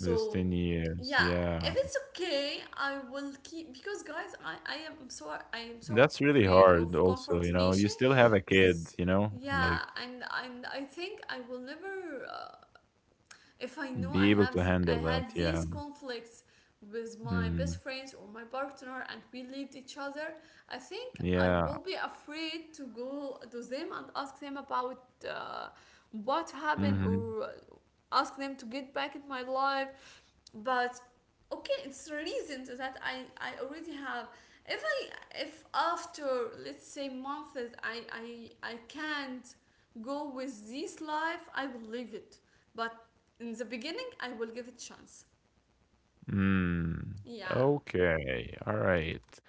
B: This 10 years.
A: yeah, if
B: Yeah.
A: it's okay, I will keep because guys, I am so
B: That's really
A: afraid of
B: hard
A: comfort
B: also, you know.
A: nation.
B: You still have a kid,
A: S-
B: you know,
A: yeah,
B: like
A: and I think I will never, if I know I
B: be able
A: have
B: to
A: the, I
B: handle that.
A: had
B: Yeah.
A: these conflicts with my
B: Mm.
A: best friends or my partner, and we lived each other, I think I
B: Yeah.
A: will be afraid to go to them and ask them about what happened,
B: Mhm.
A: or ask them to get back in my life. But okay, it's a reason to that I already have. If after let's say months, I can't go with this life, I will leave it. But in the beginning, I will give it chance.
B: Mm.
A: Yeah.
B: Okay. All right.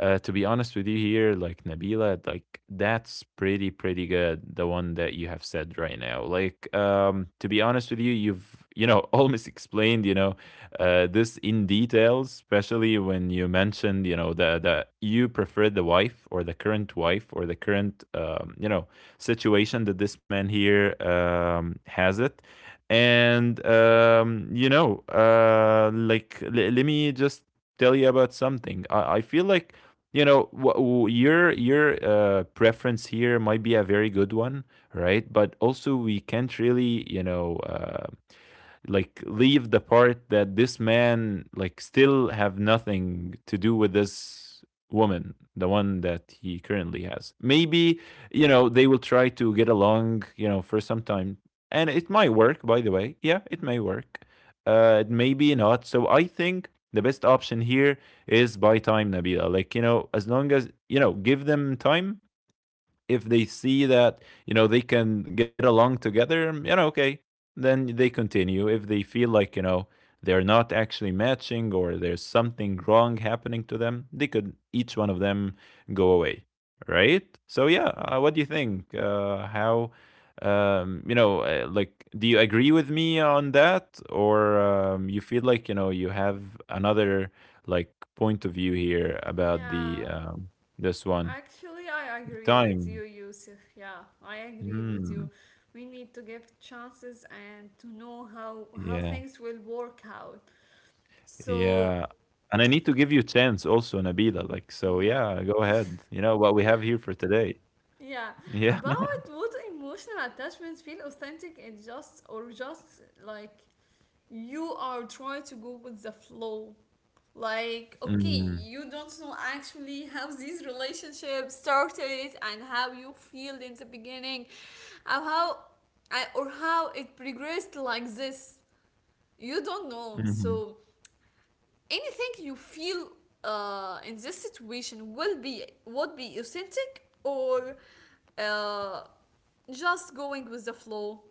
B: To be honest with you here, like Nabila, like that's pretty good. The one that you have said right now, like to be honest with you, you've you know almost explained you know this in details, especially when you mentioned you know the you prefer the wife or the current wife or the current you know situation that this man here has it, and you know, like let me just tell you about something I feel like you know your preference here might be a very good one, right? But also we can't really you know like leave the part that this man like still have nothing to do with this woman, the one that he currently has. Maybe you know they will try to get along you know for some time, and it might work, by the way. Yeah, it may work. Uh, maybe not. So I think the best option here is buy time, Nabila. Like, you know, as long as, you know, give them time. If they see that you know they can get along together, you know, okay, then they continue. If they feel like you know they're not actually matching or there's something wrong happening to them, they could each one of them go away, right? So yeah, what do you think? How? You know, like, do you agree with me on that, or you feel like you know you have another like point of view here about
A: Yeah,
B: the this one
A: actually, I agree with you,
B: time?
A: Yusuf. Yeah, I agree with you.
B: Mm,
A: We need to give chances and to know how
B: yeah,
A: things will work out. So.
B: yeah, and I need to give you chance also, Nabila, like, so
A: Yeah.
B: yeah, go ahead. You know what we have here for today.
A: Yeah,
B: Yeah.
A: about what emotional attachments feel authentic, and just, or just like you are trying to go with the flow. Like, okay,
B: Mm,
A: you don't know actually how these relationships started and how you feel in the beginning, or how or how it progressed like this. You don't know.
B: mhm.
A: So anything you feel in this situation will be would be authentic, or uh, just going with the flow.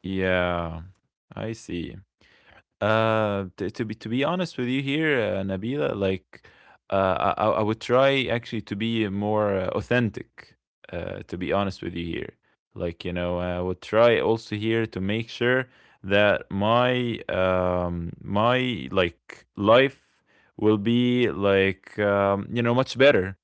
B: Yeah, I see. To be honest with you here, Nabila, like I would try actually to be more authentic. To be honest with you here, like you know, I would try also here to make sure that my like life will be like you know much better,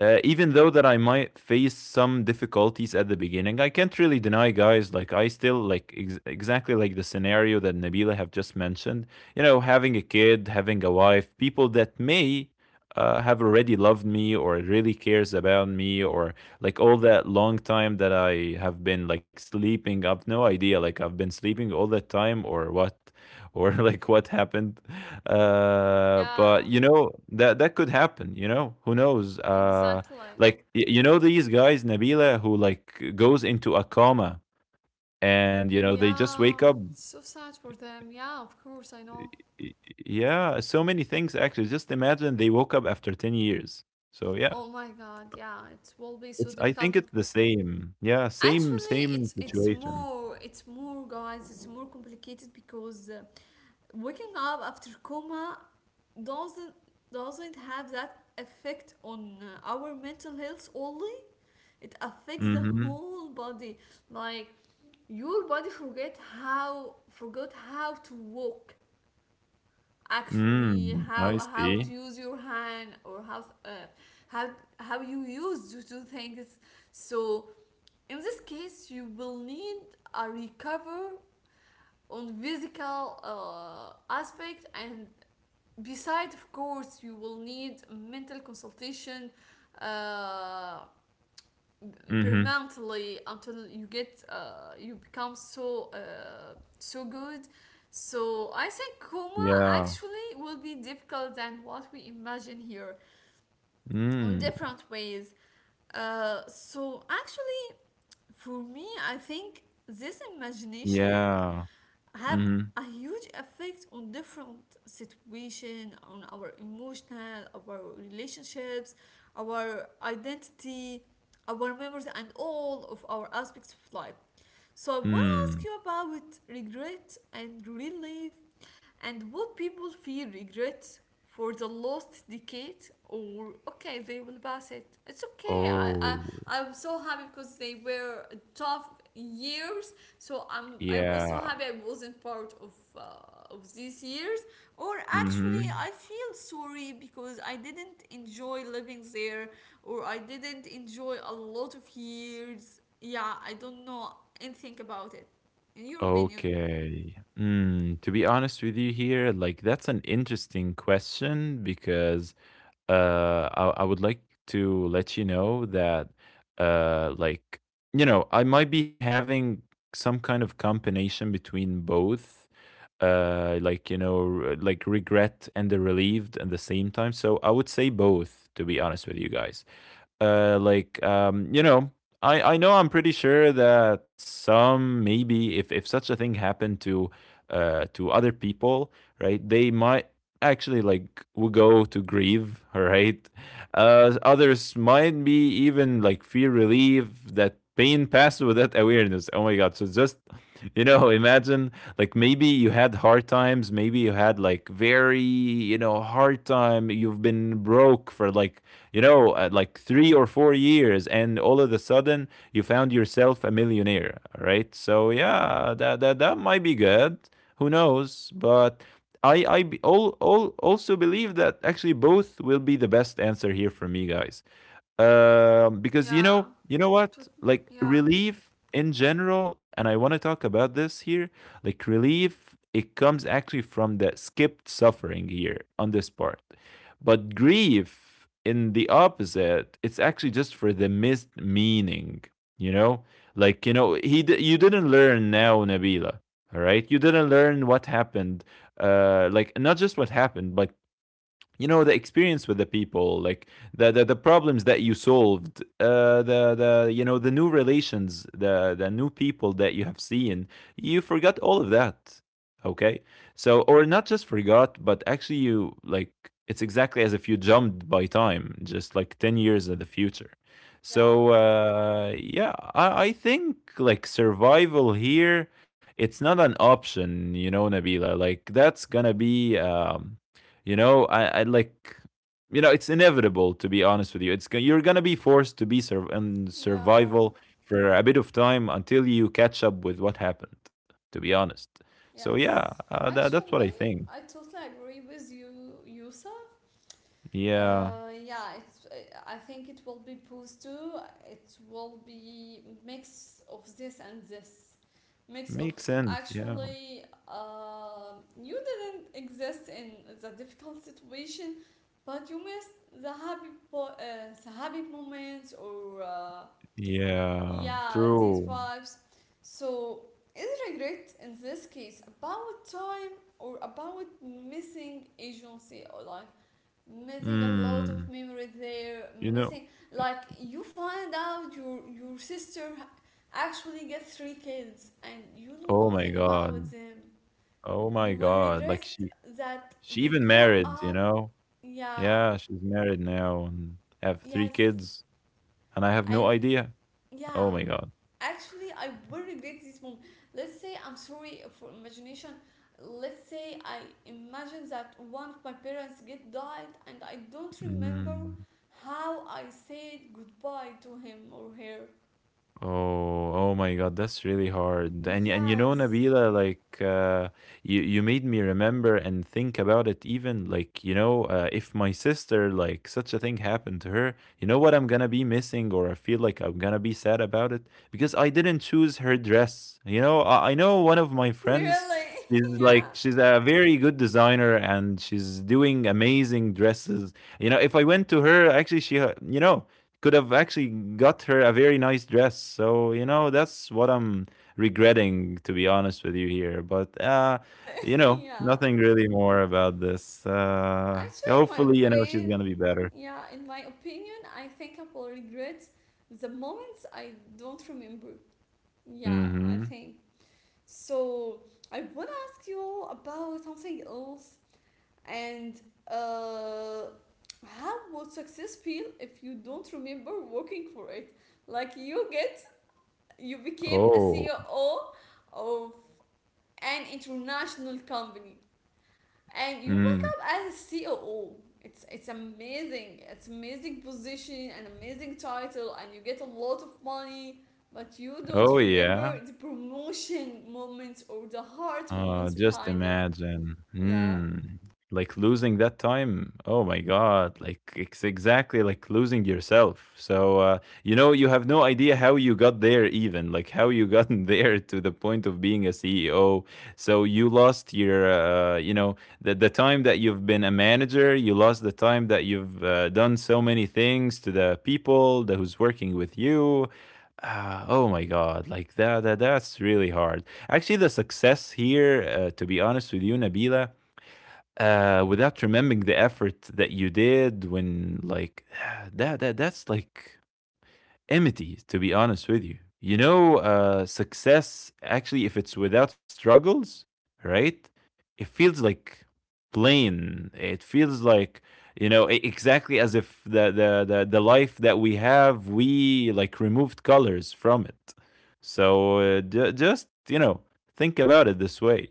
B: even though that I might face some difficulties at the beginning. I can't really deny, guys. Like I still like exactly like the scenario that Nabila have just mentioned. You know, having a kid, having a wife, people that may have already loved me or really cares about me or like all that long time that I have been like sleeping. I've no idea. Like I've been sleeping all that time or what, or like what happened. Uh,
A: Yeah,
B: but you know that that could happen. You know who knows?
A: exactly.
B: You know these guys, Nabila, who like goes into a coma, and you know they just wake
A: Yeah,
B: up.
A: so sad for them, yeah, of course I
B: y-
A: know.
B: Yeah, so many things actually. Just imagine they woke up after 10 years. So yeah,
A: Oh my god, yeah, it will be so
B: it's. I
A: difficult.
B: think it's the same. Yeah, same
A: Actually,
B: same situation.
A: it's more, guys. It's more complicated because waking up after coma doesn't have that effect on our mental health only. It affects the
B: Mm-hmm.
A: whole body. Like, your body forget how forgot how to walk, actually,
B: Mm, I
A: how to
B: see.
A: use your hand, or how how you use to do things. So in this case, you will need a recover on physical, aspect, and beside, of course, you will need mental consultation uh,
B: Mm-hmm.
A: permanently until you get you become so, so good. So I think coma
B: Yeah.
A: actually will be difficult than what we imagine here on
B: Mm,
A: different ways. So actually, for me, I think this imagination
B: yeah.
A: have
B: Mm-hmm.
A: a huge effect on different situation, on our emotional, our relationships, our identity, our memories, and all of our aspects of life. So I want to ask
B: Mm.
A: you about regret and relief, and what people feel regret for the last decade, or okay, they will pass it. It's okay. I
B: Oh.
A: I'm so happy because they were tough years, so I was so
B: Yeah.
A: happy I wasn't part of, these years, or actually
B: Mhm.
A: I feel sorry because I didn't enjoy living there, or I didn't enjoy a lot of years. Yeah, I don't know, and think about it. In your opinion,
B: Okay. Mm, to be honest with you here, like that's an interesting question because I would like to let you know that uh like you know, I might be having some kind of combination between both you know like regret and the relieved at the same time, so I would say both to be honest with you guys. You know, I know I'm pretty sure that some maybe if such a thing happened to other people, right? They might actually like will go to grieve, right? Others might be even like feel relief that pain passed without awareness. Oh my god! So just you know, imagine like maybe you had hard times, maybe you had like very you know hard time. You've been broke for like you know, like 3 or 4 years, and all of a sudden you found yourself a millionaire, right? So yeah, that might be good. Who knows? But all also believe that actually both will be the best answer here for me, guys. Because
A: yeah.
B: you know
A: To,
B: what? Like
A: yeah.
B: relief in general, and I want to talk about this here. Like relief, it comes actually from the skipped suffering here on this part. But grief, in the opposite, it's actually just for the missed meaning. You know, like you know, you didn't learn now, Nabila. All right, you didn't learn what happened. Not just what happened, but you know the experience with the people like the problems that you solved, the you know, the new relations, the new people that you have seen. You forgot all of that. Okay, so or not just forgot, but actually you like it's exactly as if you jumped by time just like 10 years in the future. So
A: Yeah.
B: yeah, I think like survival here, it's not an option, you know, Nabila. Like that's gonna be you know, you know, it's inevitable, to be honest with you. You're gonna be forced to be in
A: Yeah.
B: survival for a bit of time until you catch up with what happened. To be honest, so yeah,
A: Yes.
B: that's what I
A: Actually,
B: think.
A: I totally agree with you, Yusa.
B: Yeah,
A: Yeah, it's. I think it will be boost too. It will be mix of this and this, mix of
B: makes sense. Yeah,
A: actually. You didn't exist in the difficult situation, but you missed the happy, the happy moments or
B: yeah,
A: yeah, these
B: true.
A: vibes. So is regret in this case about time or about missing agency or like missing a lot
B: Mm,
A: of memory there,
B: you know,
A: missing, like you find out your sister actually gets three kids and you know
B: oh my
A: nothing
B: god,
A: about them.
B: oh my
A: You will
B: god,
A: regret
B: like
A: that
B: she
A: they
B: even
A: grow
B: married. You
A: up.
B: know,
A: Yeah,
B: yeah, she's married now and have three
A: yes,
B: kids, and I have no
A: and
B: idea.
A: yeah,
B: Oh my god.
A: actually I will regret this moment. Let's say I'm sorry for imagination. Let's say I Imagine that one of my parents get died and I don't remember
B: Mm.
A: how I said goodbye to him or her.
B: Oh, oh my god, that's really hard. And and you know,
A: Yes,
B: Nabila, you you made me remember and think about it. Even like you know, if my sister like such a thing happened to her, you know what I'm gonna be missing, or I feel like I'm gonna be sad about it because I didn't choose her dress. You know, I know one of my friends.
A: really yeah,
B: She's a very good designer and she's doing amazing dresses. You know, if I went to her, actually, she, you know could have actually got her a very nice dress. So, you know, that's what I'm regretting, to be honest with you here. But,
A: really
B: you know,
A: yeah,
B: nothing really more about this.
A: actually in my
B: Hopefully, you know, she's
A: opinion,
B: going to be better.
A: yeah, in my opinion, I think I will regret the moments I don't remember. Yeah,
B: Mm
A: I
B: hmm.
A: think. So I want to ask you all about something else and uh, how would success feel if you don't remember working for it? Like you get, you became a
B: Oh.
A: CEO of an international company and you wake
B: Mm.
A: up as a COO. It's amazing. It's amazing position, an amazing title, and you get a lot of money. But you don't
B: Oh, yeah.
A: remember the promotion moments or the hard moments
B: Just
A: behind it.
B: imagine.
A: Yeah,
B: Mm. Like losing that time. Oh my God. Like it's exactly like losing yourself. So, you know, you have no idea how you got there, even like how you gotten there to the point of being a CEO. So you lost your, you know, the time that you've been a manager. You lost the time that you've done so many things to the people that who's working with you. Oh my God. Like that's really hard. Actually, the success here, to be honest with you, Nabila, without remembering the effort that you did, when, like, that's like enmity, to be honest with you. You know, success, actually, if it's without struggles, right? It feels like plain. It feels like, you know, exactly as if the life that we have, we like removed colors from it. So just, you know, think about it this way.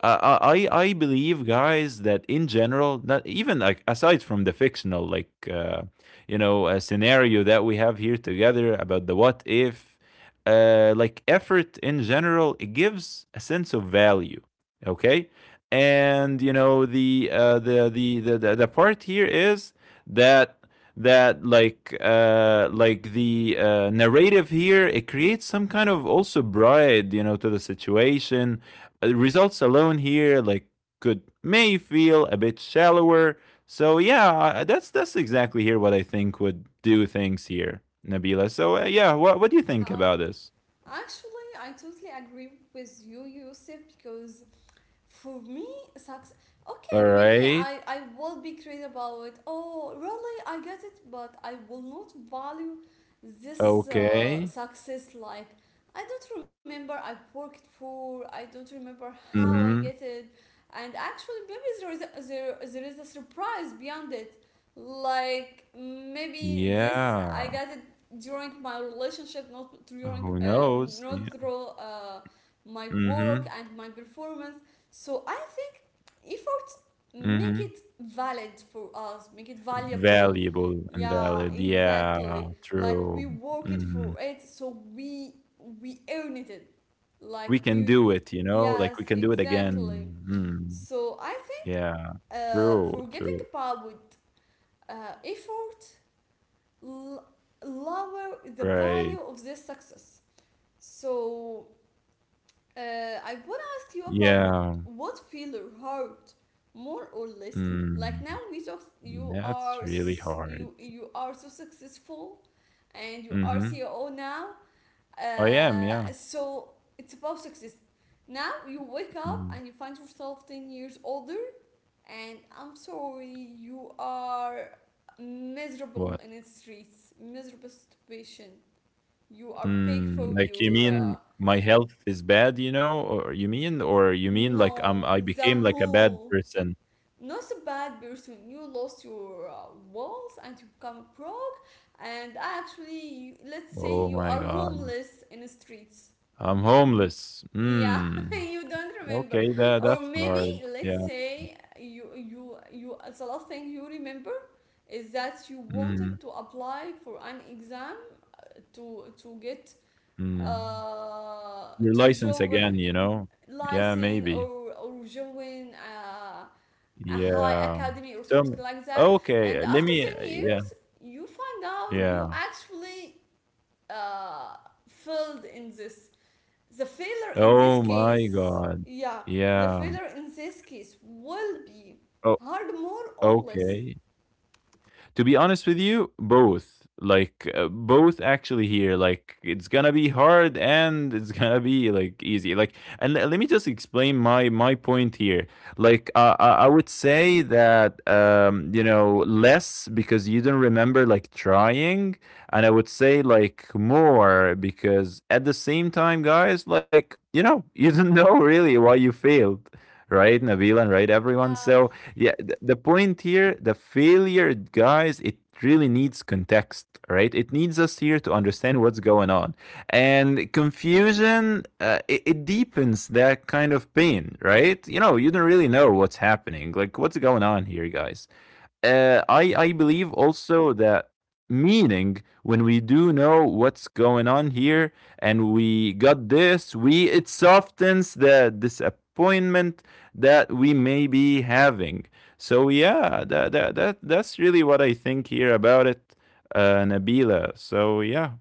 B: Uh, I I believe, guys, that in general, not even like aside from the fictional, like uh, you know, scenario that we have here together about the what if. Effort in general, it gives a sense of value. Okay, and you know, part here is that that like the narrative here, it creates some kind of also bride, you know, to the situation. Results alone here, like could may feel a bit shallower. So yeah, that's exactly here what I think would do things here, Nabila. So yeah, what do you think
A: yeah.
B: about this?
A: Actually, I totally agree with you, Yusuf, because for me success,
B: All
A: okay, maybe
B: right.
A: I will be crazy about it, oh really I get it, but I will not value this
B: Okay.
A: success, like I don't remember I worked for, I don't remember how I
B: Mhm.
A: get it. And actually maybe there is a surprise beyond it, like maybe this
B: Yeah.
A: I got it during my relationship, not during
B: Who knows? Yeah.
A: not through my
B: Mhm.
A: work and my performance. So I think if we make
B: Mhm.
A: it valid for us, make it valuable,
B: Valuable and
A: yeah,
B: valid. Yeah,
A: exactly. Like we
B: true.
A: work it for
B: Mhm.
A: it, so we earn it. Like
B: We can do
A: we,
B: it, you know? Like
A: yes,
B: we can do it again.
A: exactly.
B: Mm.
A: So I think
B: Yeah. True,
A: forgetting
B: true.
A: about effort l- lower the value
B: Right.
A: of this success. So I want to ask you about
B: Yeah.
A: what feel your heart more or less. Like
B: Mm.
A: now we talk, you
B: That's
A: are
B: really hard.
A: you are so successful, and you are
B: Mhm.
A: CEO now.
B: I am, yeah.
A: So it's about success. Now you wake up
B: Mm,
A: and you find yourself 10 years older, and I'm sorry, you are miserable
B: what?
A: in the streets, miserable situation. You are paid
B: Mm,
A: for
B: like, you
A: your.
B: mean my health is bad, you know, or you mean, or you mean like, I'm?
A: No,
B: I
A: the
B: became like a bad
A: whole,
B: person?
A: not a bad person. You lost your walls and you become broke, and actually, you, let's say
B: Oh
A: you
B: my
A: are
B: god.
A: homeless in the streets.
B: I'm homeless.
A: Yeah,
B: Mm.
A: you don't remember,
B: Okay, that
A: or
B: that's
A: maybe
B: hard.
A: let's
B: Yeah.
A: say you you you. The last thing you remember is that you
B: Mhm,
A: wanted to apply for an exam to get
B: mm. Your
A: to
B: license
A: join
B: again, you know? Yeah,
A: license,
B: maybe.
A: or join a high
B: Yeah.
A: academy or
B: So.
A: something like that. And
B: Okay, let
A: after
B: me
A: 10
B: yeah,
A: years you find out you
B: yeah.
A: actually uh, failed in this, the failure in this
B: Oh my
A: case
B: god.
A: yeah the
B: Yeah.
A: failure in this case will be
B: Oh,
A: hard more or less,
B: okay. To be honest with you, both. Like both actually here. Like it's gonna be hard and it's gonna be like easy. Like, and let me just explain my point here. I would say that you know less because you don't remember like trying, and I would say like more because at the same time, guys, like you know you don't know really why you failed, right, Nabil, and right everyone.
A: yeah.
B: So yeah, the point here, the failure, guys, it really needs context, right? It needs us here to understand what's going on. And confusion, it deepens that kind of pain, right? You know, you don't really know what's happening, like what's going on here, guys. I
A: Uh,
B: believe also that meaning when we do know what's going on here, and we got this, we it softens the disappointment that we may be having. So yeah, that's really what I think here about it, Nabila. So yeah,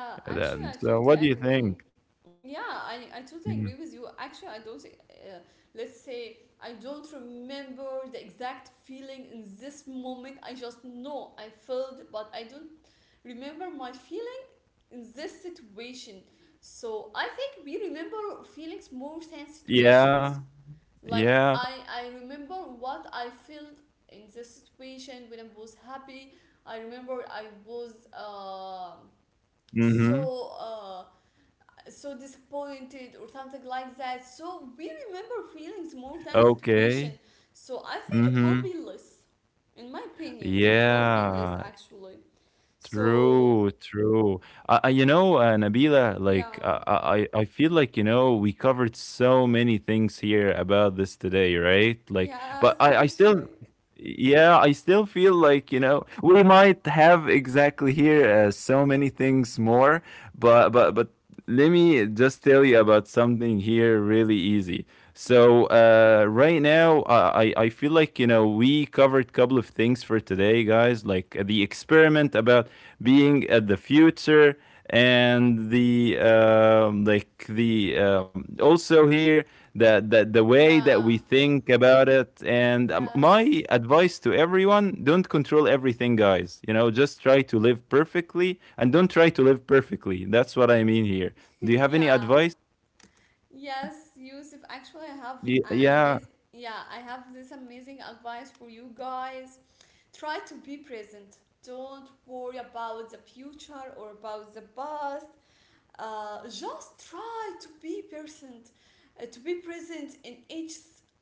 A: yeah,
B: then,
A: actually, I
B: so what do you
A: totally
B: think?
A: agree. Yeah, I totally
B: Mhm.
A: agree with you. Actually, I don't, let's say, I don't remember the exact feeling in this moment. I just know I felt, but I don't remember my feeling in this situation. So I think we remember feelings more than
B: Yeah,
A: situations. Like,
B: yeah.
A: I remember what I felt in this situation when I was happy. I remember I was.
B: Mm-hmm.
A: So so disappointed or something like that. So we remember feelings more than situation.
B: Okay.
A: So I think it will
B: Mm-hmm.
A: be less, in my opinion, it will be less
B: Yeah,
A: actually. So
B: true, true. You know, Nabila, like
A: yeah,
B: I feel like you know we covered so many things here about this today, right? Like,
A: yes,
B: but I still,
A: actually,
B: yeah, I still feel like you know we might have exactly here so many things more, but but let me just tell you about something here really easy.
A: yeah,
B: So right now, I feel like you know we covered a couple of things for today, guys. Like the experiment about being at the future, and the like the also here the way that we
A: yeah,
B: think about it. And my
A: yes,
B: advice to everyone: don't control everything, guys. You know, just try to live perfectly, and don't try to live perfectly. That's what I mean here. Do you have any
A: yeah.
B: advice?
A: Yes, Yusuf, actually, I have
B: Yeah.
A: an
B: Yeah.
A: amazing, yeah, I have this amazing advice for you guys. Try to be present. Don't worry about the future or about the past. Just try to be present in each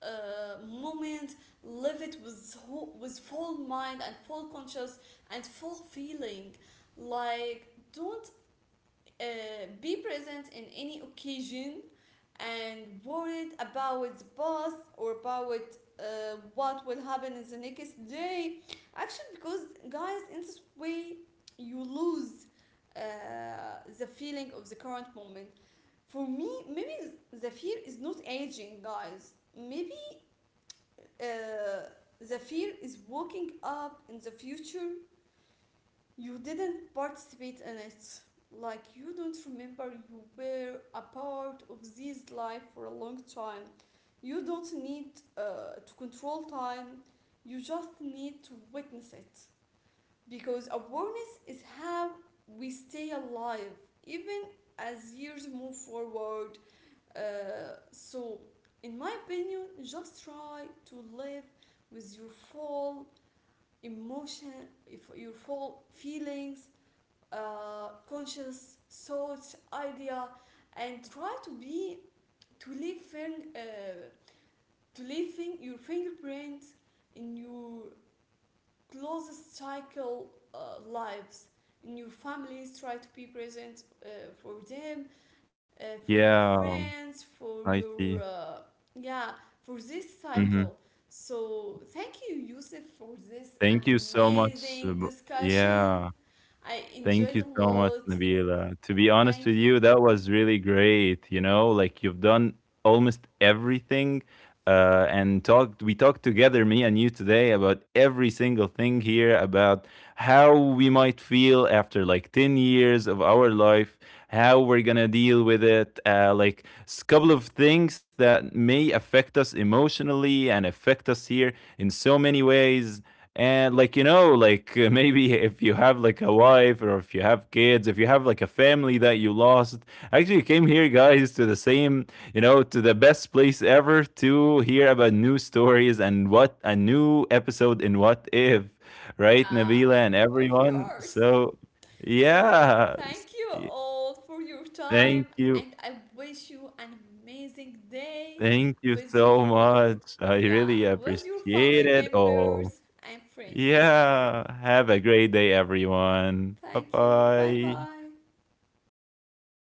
A: moment. Live it with whole, with full mind and full conscious and full feeling. Like, don't uh, be present in any occasion and worried about the past or about what will happen in the next day. Actually, because guys, in this way, you lose uh, the feeling of the current moment. For me, maybe the fear is not aging, guys. Maybe uh, the fear is waking up in the future you didn't participate in it. Like you don't remember you were a part of this life for a long time. You don't need to control time. You just need to witness it. Because awareness is how we stay alive, even as years move forward. So, in my opinion, just try to live with your full emotion, if your full feelings, conscious thoughts, idea, and try to be to leave fin- uh, to leave your fingerprint in your closest cycle lives, in your families. Try to be present for them, for your
B: Yeah,
A: friends, for
B: I
A: your
B: see.
A: yeah, for this
B: Mhm.
A: cycle. So thank you, Yusuf, for this
B: Thank you so much.
A: amazing discussion.
B: Yeah.
A: I
B: Thank
A: enjoyed
B: you
A: a
B: so much,
A: lot.
B: Nabila. To be honest with
A: Thank
B: you,
A: you.
B: that was really great. You know, like you've done almost everything. And talked we talked together me and you today about every single thing here about how we might feel after like 10 years of our life, how we're gonna deal with it, like couple of things that may affect us emotionally and affect us here in so many ways. And like you know, like maybe if you have like a wife, or if you have kids, if you have like a family that you lost, actually you came here, guys, to the same, you know, to the best place ever to hear about new stories and what a new episode in What If, right, Nabila
A: Yeah,
B: and
A: of
B: everyone.
A: course.
B: So,
A: So,
B: yeah,
A: thank you all for your
B: thank
A: time,
B: you,
A: and I wish you an amazing day
B: thank you
A: with
B: so much.
A: your
B: I really
A: yeah, with your
B: appreciate it
A: family
B: all.
A: members and friends.
B: Yeah. Have a great day, everyone. Bye
A: Thank you. Bye
B: bye.
A: bye.
B: Bye bye.